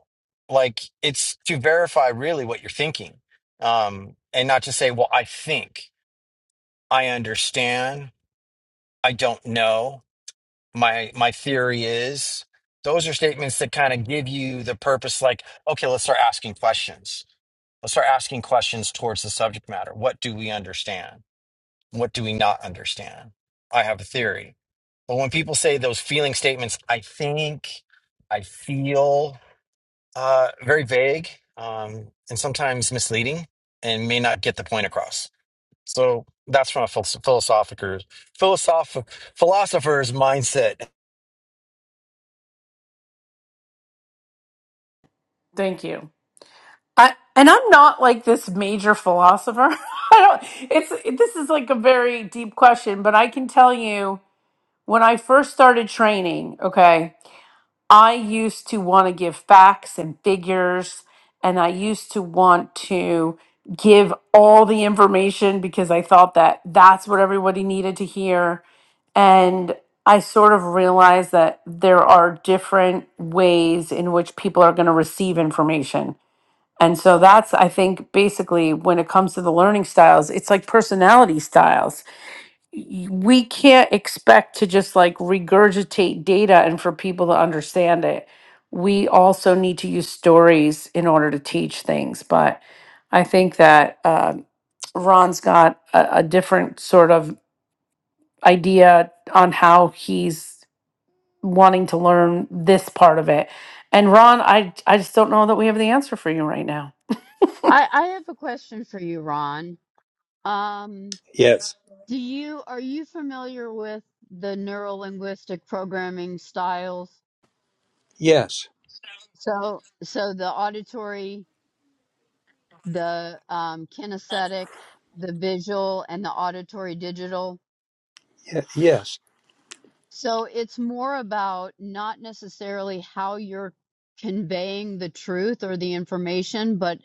like it's to verify really what you're thinking um, and not to say, well, I think, I understand, I don't know, my, my theory is. Those are statements that kind of give you the purpose, like, okay, let's start asking questions Let's start asking questions towards the subject matter. What do we understand? What do we not understand? I have a theory. But when people say those feeling statements, I think, I feel, uh, very vague um, and sometimes misleading and may not get the point across. So that's from a philosopher, philosophic, philosoph- philosopher's mindset. Thank you. I, and I'm not like this major philosopher. I don't. It's it- this is like a very deep question, but I can tell you when I first started training. Okay, I used to want to give facts and figures, and I used to want to give all the information because I thought that that's what everybody needed to hear, and I sort of realized that there are different ways in which people are going to receive information and so that's, I think, basically when it comes to the learning styles, it's like personality styles. Y- We can't expect to just like regurgitate data and for people to understand it. We also need to use stories in order to teach things. But I think that um Ron's got a, a different sort of idea on how he's wanting to learn this part of it. And Ron, I, I just don't know that we have the answer for you right now. I, I have a question for you, Ron. Um, yes, do you are you familiar with the neurolinguistic programming styles? yes, So so the auditory the um, kinesthetic, the visual, and the auditory digital. ye- yes, So it's more about not necessarily how you're conveying the truth or the information, but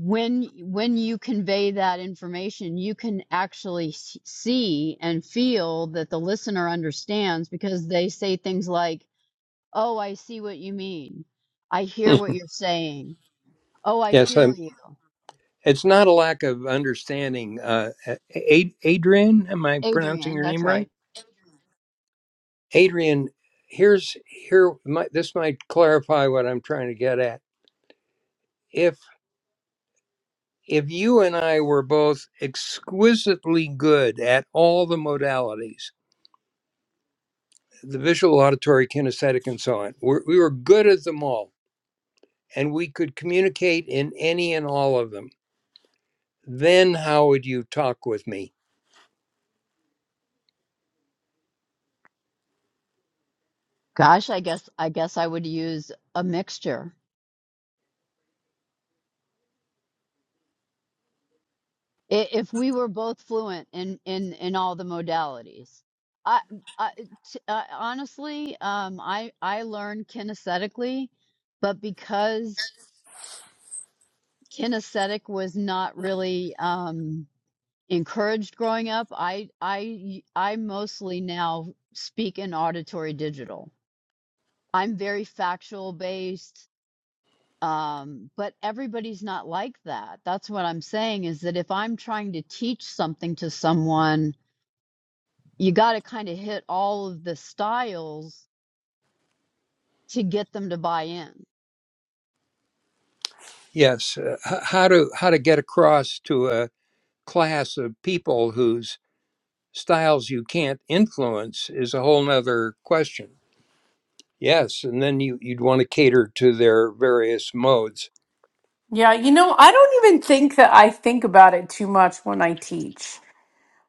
when when you convey that information, you can actually see and feel that the listener understands because they say things like, "Oh, I see what you mean. I hear what you're saying. Oh, I yes. feel Um, you." it's not a lack of understanding. Uh, Ad- Adrian, am I pronouncing Adrian, your that's name right. right? Adrian, here's here might this might clarify what I'm trying to get at. If if you and I were both exquisitely good at all the modalities, the visual, auditory, kinesthetic, and so on, we're, we were good at them all, and we could communicate in any and all of them. Then how would you talk with me? Gosh, I guess I guess I would use a mixture. I- If we were both fluent in in in all the modalities. I, I t- uh, honestly, um, I I learned kinesthetically, but because kinesthetic was not really um, encouraged growing up, I I I mostly now speak in auditory digital. I'm very factual based. um but everybody's not like that that's what i'm saying is that if i'm trying to teach something to someone you got to kind of hit all of the styles to get them to buy in Yes, uh, h- how to how to get across to a class of people whose styles you can't influence is a whole nother question. Yes, and then you, you'd want to cater to their various modes. Yeah, you know, I don't even think that I think about it too much when I teach.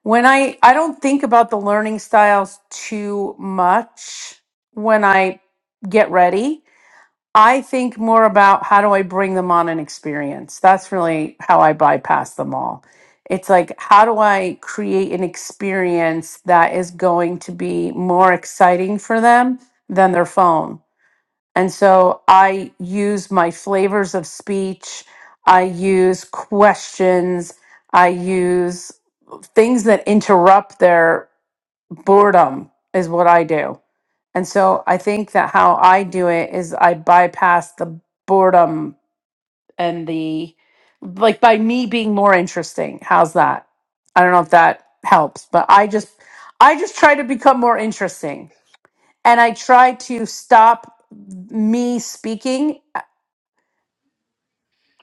When I I don't think about the learning styles too much when I get ready. I think more about how do I bring them on an experience. That's really how I bypass them all. It's like how do I create an experience that is going to be more exciting for them than their phone? And so I use my flavors of speech, I use questions, I use things that interrupt their boredom, is what I do. And so I think that how I do it is I bypass the boredom and the like by me being more interesting. How's that? I don't know if that helps, but I just I just try to become more interesting and I try to stop me speaking.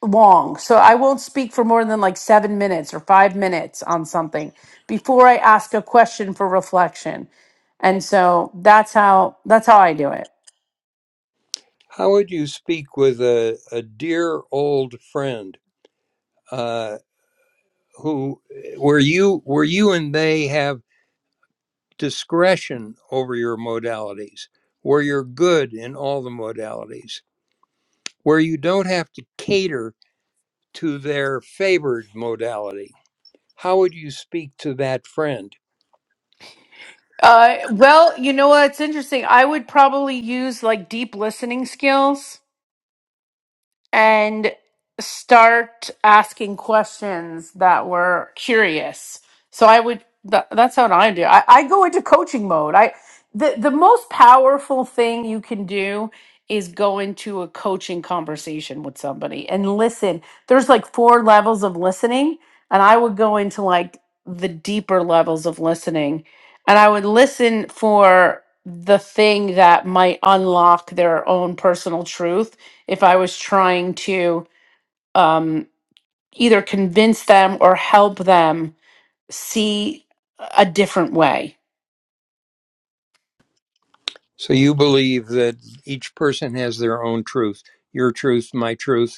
long. So I won't speak for more than like seven minutes or five minutes on something before I ask a question for reflection. And so that's how that's how I do it. How would you speak with a, a dear old friend uh, who where you where you and they have discretion over your modalities, where you're good in all the modalities, where you don't have to cater to their favored modality? How would you speak to that friend? Uh, well, you know what? It's interesting. I would probably use like deep listening skills. and start asking questions that were curious. So I would th- that's what I do. I, I go into coaching mode. I the the most powerful thing you can do is go into a coaching conversation with somebody and listen. There's like four levels of listening, and I would go into like the deeper levels of listening, and I would listen for the thing that might unlock their own personal truth if I was trying to um, either convince them or help them see a different way. So you believe that each person has their own truth, your truth, my truth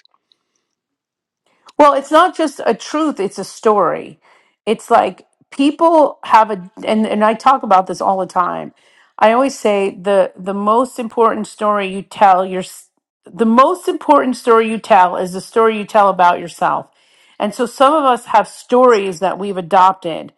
Well, it's not just a truth, it's a story. It's like people have a and, and I talk about this all the time. I always say the the most important story you tell your the most important story you tell is the story you tell about yourself. And so some of us have stories that we've adopted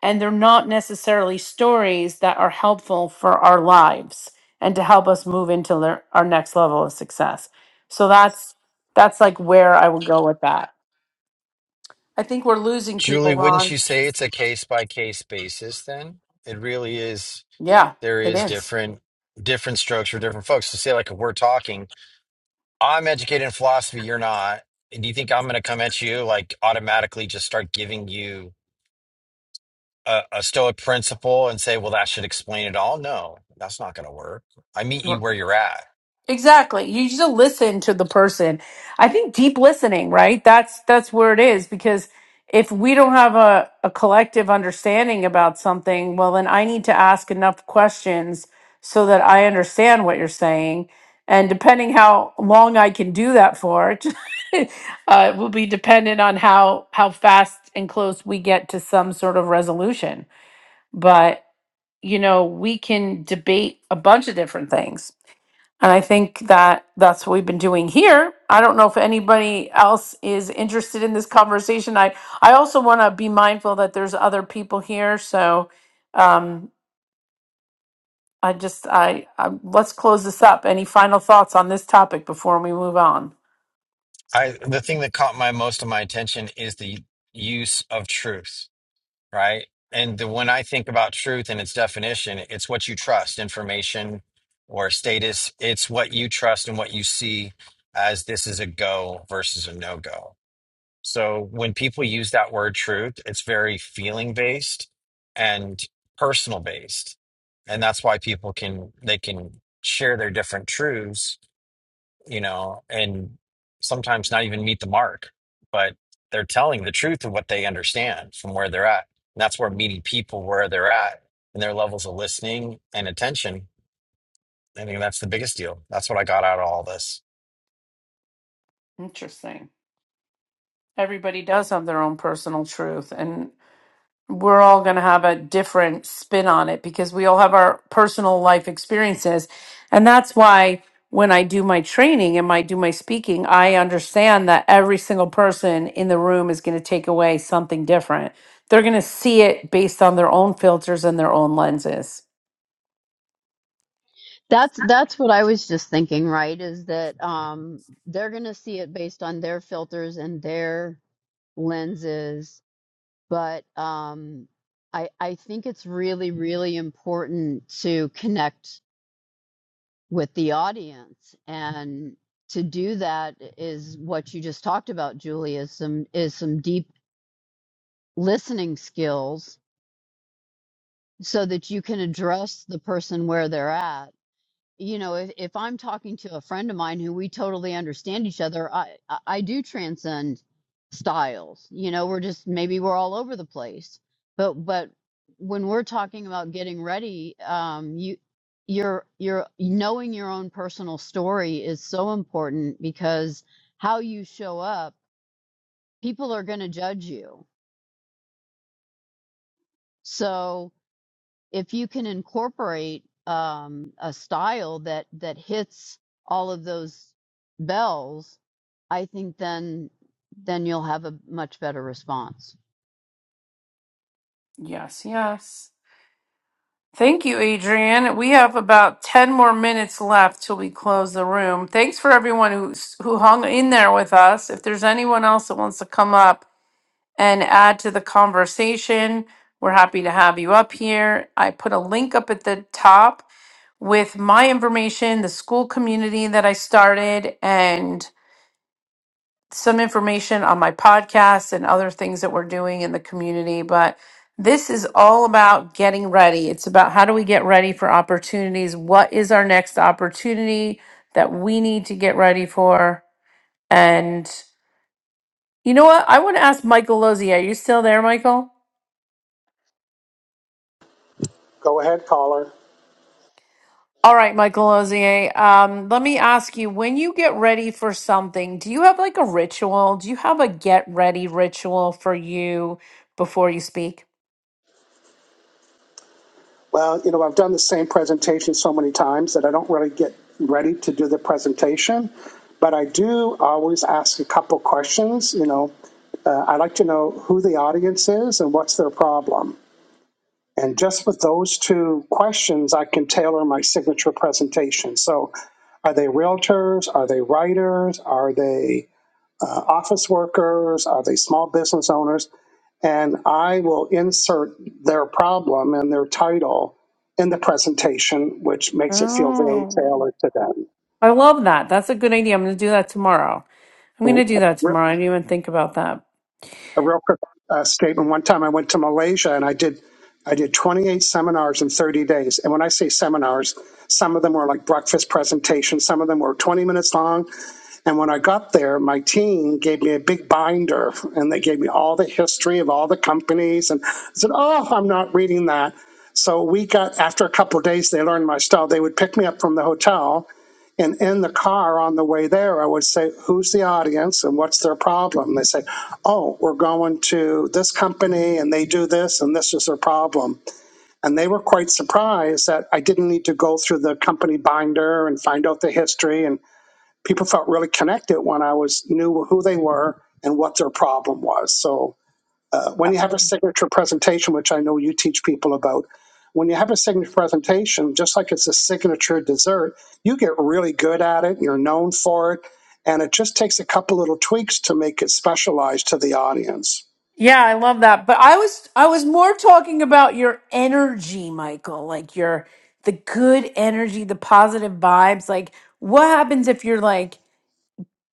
and they're not necessarily stories that are helpful for our lives and to help us move into their, our next level of success. So that's that's like where I would go with that. I think we're losing Julie, people, wouldn't Ron. you say it's a case by case basis then? It really is Yeah, there it is is. different different strokes for different folks. So say like if we're talking, I'm educated in philosophy, you're not. And do you think I'm going to come at you like automatically just start giving you a, a Stoic principle and say, well, that should explain it all? No, that's not going to work. I meet you We're- where you're at. Exactly. You just listen to the person. I think deep listening, right? That's that's where it is because if we don't have a, a collective understanding about something, well then I need to ask enough questions so that I understand what you're saying. And depending how long I can do that for, uh, will be dependent on how how fast and close we get to some sort of resolution. you know, we can debate a bunch of different things. And I think that that's what we've been doing here. I don't know if anybody else is interested in this conversation. I, I also want to be mindful that there's other people here. So um, I just, I, I, let's close this up. Any final thoughts on this topic before we move on? I the thing that caught my most of my attention is the use of truth right? And the, when I think about truth and its definition, it's what you trust, information or status. It's what you trust and what you see as this is a go versus a no go. So when people use that word truth, it's very feeling based and personal based. And that's why people can, they can share their different truths you know, and sometimes not even meet the mark, but they're telling the truth of what they understand from where they're at. And that's where meeting people where they're at and their levels of listening and attention. I think that's the biggest deal. That's what I got out of all this. Interesting. Everybody does have their own personal truth. and. we're all going to have a different spin on it because we all have our personal life experiences. And that's why when I do my training and I do my speaking, I understand that every single person in the room is going to take away something different. They're going to see it based on their own filters and their own lenses. that's that's what i was just thinking right is that um they're going to see it based on their filters and their lenses but um i i think it's really really important to connect with the audience and to do that is what you just talked about julie is some is some deep listening skills so that you can address the person where they're at you know if, if i'm talking to a friend of mine who we totally understand each other i i I do transcend styles you know we're just maybe we're all over the place but but when we're talking about getting ready um you are you're knowing your own personal story is so important because how you show up people are going to judge you so if you can incorporate um, a style that that hits all of those bells, I think then then you'll have a much better response. Yes, yes. Thank you, Adrian. We have about 10 more minutes left till we close the room. Thanks for everyone who, who hung in there with us. If there's anyone else that wants to come up, and add to the conversation. We're happy to have you up here. I put a link up at the top with my information, the school community that I started, and some information on my podcast and other things that we're doing in the community. But this is all about getting ready. It's about how do we get ready for opportunities? What is our next opportunity that we need to get ready for? And you know what? I want to ask Michael Lozzi. Are you still there, Michael? Go ahead, caller. All right, Michael Ozier. Um, let me ask you, when you get ready for something, do you have like a ritual? Do you have a get ready ritual for you before you speak? Well, you know, I've done the same presentation so many times that I don't really get ready to do the presentation, but I do always ask a couple questions, you know, Uh, I like to know who the audience is and what's their problem. And just with those two questions, I can tailor my signature presentation. So, are they realtors? Are they writers? Are they uh, office workers? Are they small business owners? And I will insert their problem and their title in the presentation, which makes it feel very Oh. tailored to them. I love that. That's a good idea. I'm going to do that tomorrow. I'm going to do that Yeah. tomorrow. I didn't even think about that. a real quick uh, statement. One time I went to Malaysia and I did I did 28 seminars in 30 days. And when I say seminars, some of them were like breakfast presentations, some of them were 20 minutes long. And when I got there, my team gave me a big binder and they gave me all the history of all the companies. And I said, Oh, I'm not reading that. So we got, after a couple of days, they learned my style. They would pick me up from the hotel and in the car on the way there, I would say, Who's the audience and what's their problem? They say, Oh, we're going to this company and they do this and this is their problem. And they were quite surprised that I didn't need to go through the company binder and find out the history. And people felt really connected when I was knew who they were and what their problem was. So uh, when you have a signature presentation, which I know you teach people about, when you have a signature presentation, just like it's a signature dessert, you get really good at it. You're known for it, and it just takes a couple little tweaks to make it specialized to the audience. Yeah, I love that. But I was I was more talking about your energy, Michael, like your the good energy, the positive vibes. Like what happens if you're like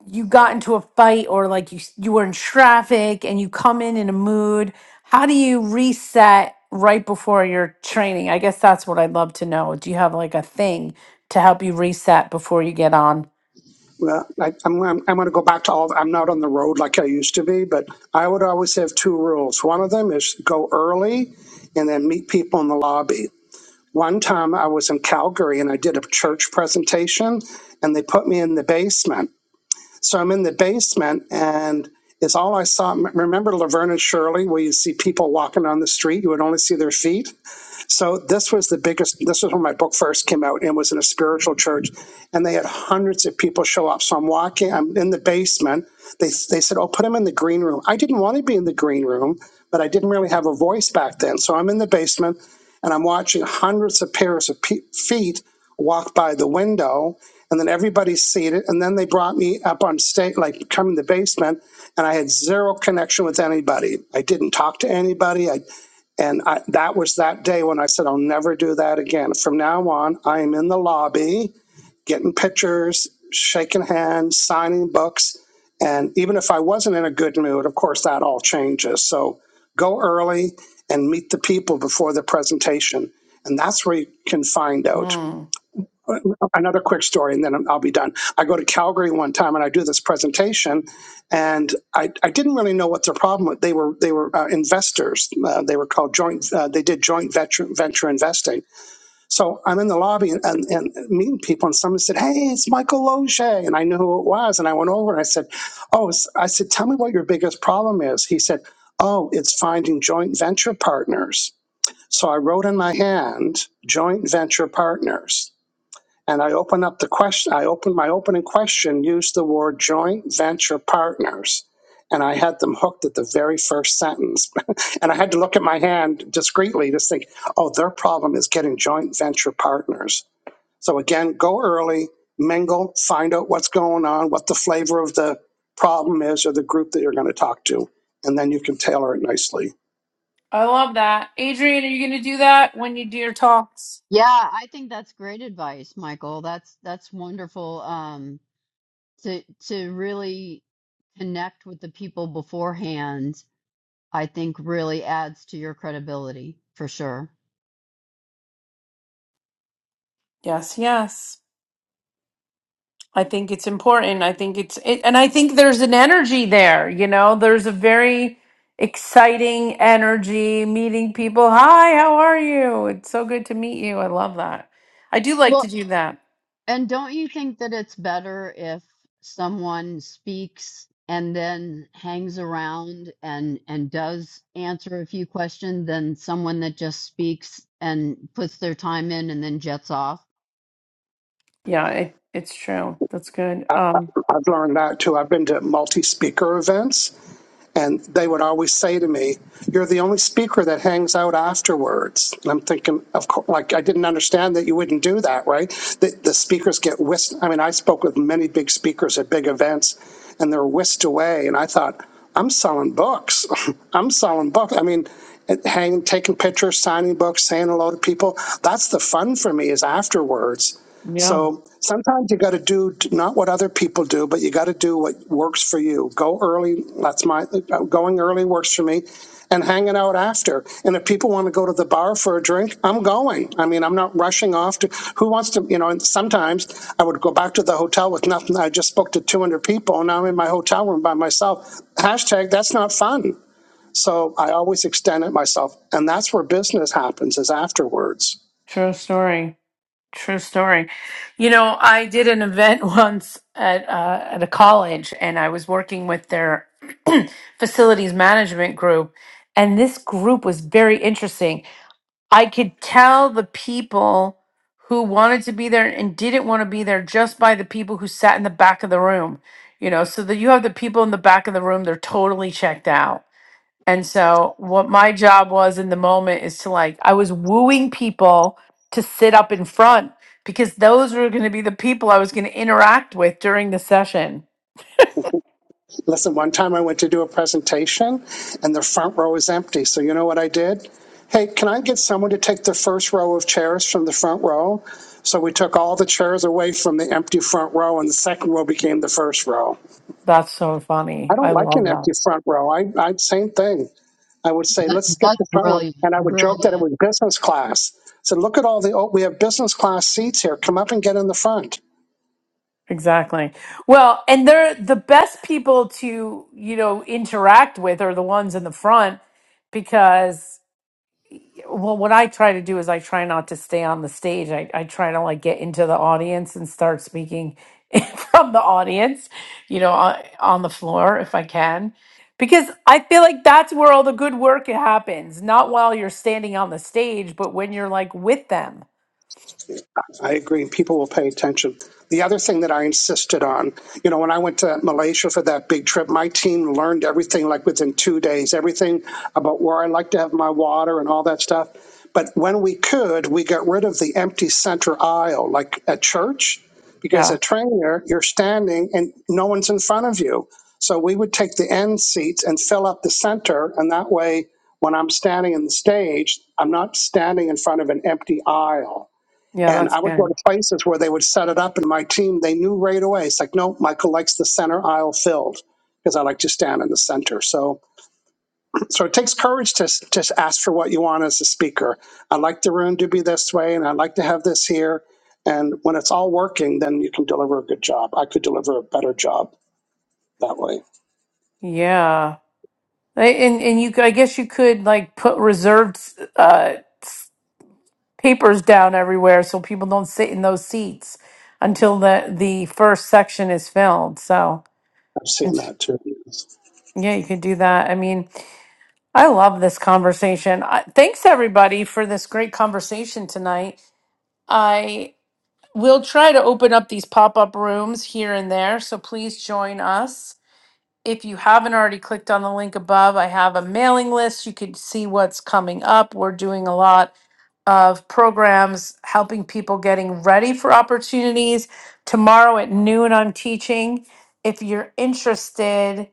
you got into a fight or like you s- you were in traffic and you come in in a mood how do you reset right before your training i guess that's what i'd love to know do you have like a thing to help you reset before you get on Well, I, I'm, I'm, I'm going to go back to all. I'm not on the road like I used to be, but I would always have two rules. One of them is go early, and then meet people in the lobby. One time I was in Calgary and I did a church presentation, and they put me in the basement. So I'm in the basement and it's all I saw. Remember Laverne and Shirley, where you see people walking on the street, you would only see their feet? So this was the biggest. This was when my book first came out and was in a spiritual church, and they had hundreds of people show up. So I'm walking. I'm in the basement. They they said, "Oh, put him in the green room." I didn't want to be in the green room, but I didn't really have a voice back then. So I'm in the basement, and I'm watching hundreds of pairs of pe- feet walk by the window, and then everybody's seated, and then they brought me up on stage, like come in the basement, and I had zero connection with anybody. I didn't talk to anybody. I and I, that was that day when I said, I'll never do that again. From now on, I am in the lobby getting pictures, shaking hands, signing books. And even if I wasn't in a good mood, of course, that all changes. So go early and meet the people before the presentation. And that's where you can find out mm. another quick story and then I'll be done. I go to Calgary one time and I do this presentation and I, I didn't really know what their problem was. They were, they were uh, investors. Uh, they were called joint, uh, they did joint venture, venture investing. So I'm in the lobby and, and, and meeting people and someone said, Hey, it's Michael Loge. And I knew who it was. And I went over and I said, Oh, it's, I said, tell me what your biggest problem is. He said, Oh, it's finding joint venture partners. So I wrote in my hand, joint venture partners and I open up the question, I open my opening question, used the word joint venture partners. And I had them hooked at the very first sentence. and I had to look at my hand discreetly to think, oh, their problem is getting joint venture partners. So again, go early, mingle, find out what's going on, what the flavor of the problem is or the group that you're going to talk to. And then you can tailor it nicely. i love that adrian are you going to do that when you do your talks Yeah, I think that's great advice, Michael. That's that's wonderful um, to to really connect with the people beforehand. I think really adds to your credibility for sure. yes yes I think it's important. I think it's, it, and I think there's an energy there, you know, there's a very exciting energy meeting people. Hi, how are you? It's so good to meet you. I love that. I do like Well, to do that. And don't you think that it's better if someone speaks and then hangs around and and does answer a few questions than someone that just speaks and puts their time in and then jets off? Yeah, it, it's true. That's good. Um, I've learned that too. I've been to multi speaker events And they would always say to me, "You're the only speaker that hangs out afterwards." And I'm thinking, of course, like I didn't understand that you wouldn't do that, right? The, the speakers get whisked. I mean, I spoke with many big speakers at big events, and they're whisked away. And I thought, I'm selling books. I'm selling books. I mean, it- taking pictures, signing books, saying hello to people. That's the fun for me is afterwards. yeah, So sometimes you got to do not what other people do, but you got to do what works for you. Go early. That's my uh, going early works for me, and hanging out after. And if people want to go to the bar for a drink, I'm going. I mean, I'm not rushing off to. Who wants to? You know. And sometimes I would go back to the hotel with nothing. I just spoke to 200 people, and now I'm in my hotel room by myself. Hashtag that's not fun. So I always extend it myself, and that's where business happens is afterwards. true story. True story. You know, I did an event once at uh, at a college, and I was working with their facilities management group, and this group was very interesting. I could tell the people who wanted to be there and didn't want to be there just by the people who sat in the back of the room. You know, so that you have the people in the back of the room, they're totally checked out. And so, what my job was in the moment is to like, I was wooing people to sit up in front because those were going to be the people I was going to interact with during the session. Listen, one time I went to do a presentation and the front row was empty. So you know what I did? Hey, can I get someone to take the first row of chairs from the front row? So we took all the chairs away from the empty front row and the second row became the first row. That's so I funny. don't I like love an that. empty front row. I, I same thing. I would say, That's let's skip that's the front row. brilliant. And I would joke that it Brilliant. was business class. So look at all the, oh, we have business class seats here. Come up and get in the front. Exactly. Well, and they're the best people to, you know, interact with are the ones in the front because well what I try to do is I try not to stay on the stage. I, I try to like get into the audience and start speaking from the audience, you know, on, on the floor if I can. Because I feel like that's where all the good work happens, not while you're standing on the stage, but when you're like with them. I agree. People will pay attention. The other thing that I insisted on, you know, when I went to Malaysia for that big trip, my team learned everything like within two days, everything about where I like to have my water and all that stuff. But when we could, we got rid of the empty center aisle, like at church, because Yeah. at trainer, you're standing and no one's in front of you. So we would take the end seats and fill up the center. And that way, when I'm standing in the stage, I'm not standing in front of an empty aisle. Yeah, And that's I would go good. to places where they would set it up, and my team, they knew right away. It's like, no, Michael likes the center aisle filled because I like to stand in the center. So, so it takes courage to s- just ask for what you want as a speaker. I like the room to be this way, and I like to have this here. And when it's all working, then you can deliver a good job. I could deliver a better job that way. Yeah. Right, And and you, could- I guess you could like put reserved uh, s- papers down everywhere so people don't sit in those seats until the the first section is filled. So, I've seen and that too. yeah, you could do that. I mean, I love this conversation. I, thanks everybody for this great conversation tonight. I will try to open up these pop up rooms here and there, so please join us. If you haven't already clicked on the link above, I have a mailing list. You can see what's coming up. We're doing a lot of programs helping people getting ready for opportunities. Tomorrow at noon, I'm teaching. If you're interested,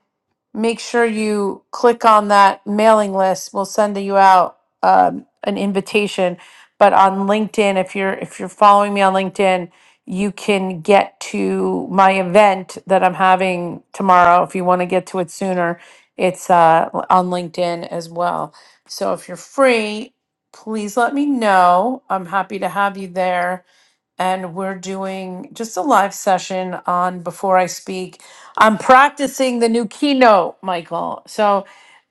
make sure you click on that mailing list. We'll send you out um, an invitation. But on LinkedIn, if you're if you're following me on LinkedIn, you can get to my event that I'm having tomorrow. If you want to get to it sooner, it's uh, on LinkedIn as well. So if you're free, please let me know. I'm happy to have you there and we're doing just a live session on before I speak. I'm practicing the new keynote, Michael. So,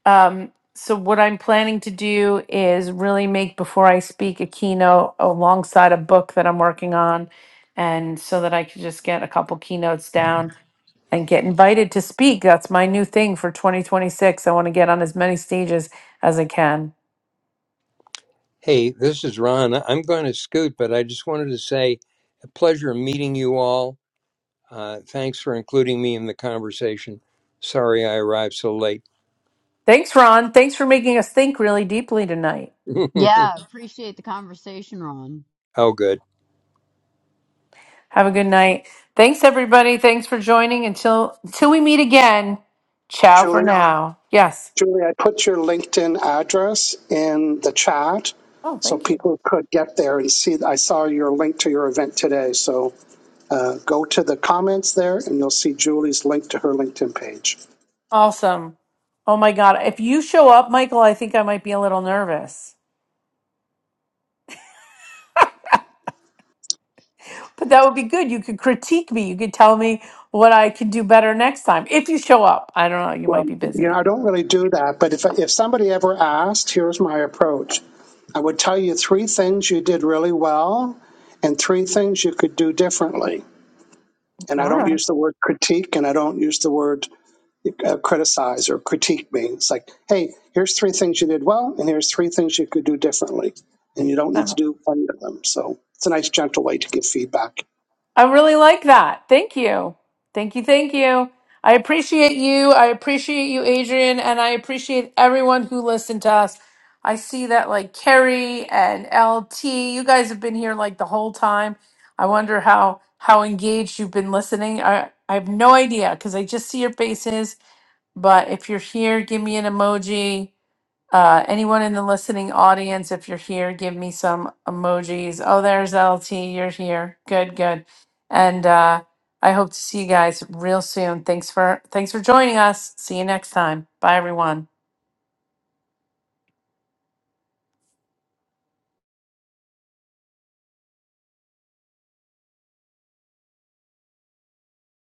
um, so what I'm planning to do is really make before I speak a keynote alongside a book that I'm working on, and so that I could just get a couple keynotes down and get invited to speak. That's my new thing for 2026. I want to get on as many stages as I can. Hey, this is Ron. I'm going to scoot, but I just wanted to say a pleasure meeting you all. Uh, thanks for including me in the conversation. Sorry I arrived so late. Thanks, Ron. Thanks for making us think really deeply tonight. oh, Yeah, appreciate the conversation, Ron. good. Have a good night. Thanks, everybody. Thanks for joining. Until until we meet again. Ciao Julie. for now. Yes. Julie, I put your LinkedIn address in the chat Oh, so thank you. people could get there and see. I saw your link to your event today. So uh, go to the comments there and you'll see Julie's link to her LinkedIn page. Awesome. Oh my God. If you show up, Michael, I think I might be a little nervous. But that would be good. You could critique me. You could tell me what I could do better next time if you show up. I don't know. You Well, might be you know, busy. I don't really do that, but if, if somebody ever asked, here's my approach I would tell you three things you did really well and three things you could do differently. And I All don't right. use the word critique and I don't use the word uh, criticize or critique me. It's like, hey, here's three things you did well, and here's three things you could do differently, and you don't All need to do one of them. So it's a nice, gentle way to give feedback. I really like that. Thank you. Thank you. Thank you. I appreciate you. I appreciate you, Adrian, and I appreciate everyone who listened to us. I see that like Carrie and LT, you guys have been here like the whole time. I wonder how how engaged you've been listening. I I have no idea because I just see your faces. But if you're here, give me an emoji. Uh, anyone in the listening audience, if you're here, give me some emojis. Oh, there's LT. You're here. Good, good. And uh, I hope to see you guys real soon. Thanks for thanks for joining us. See you next time. Bye, everyone.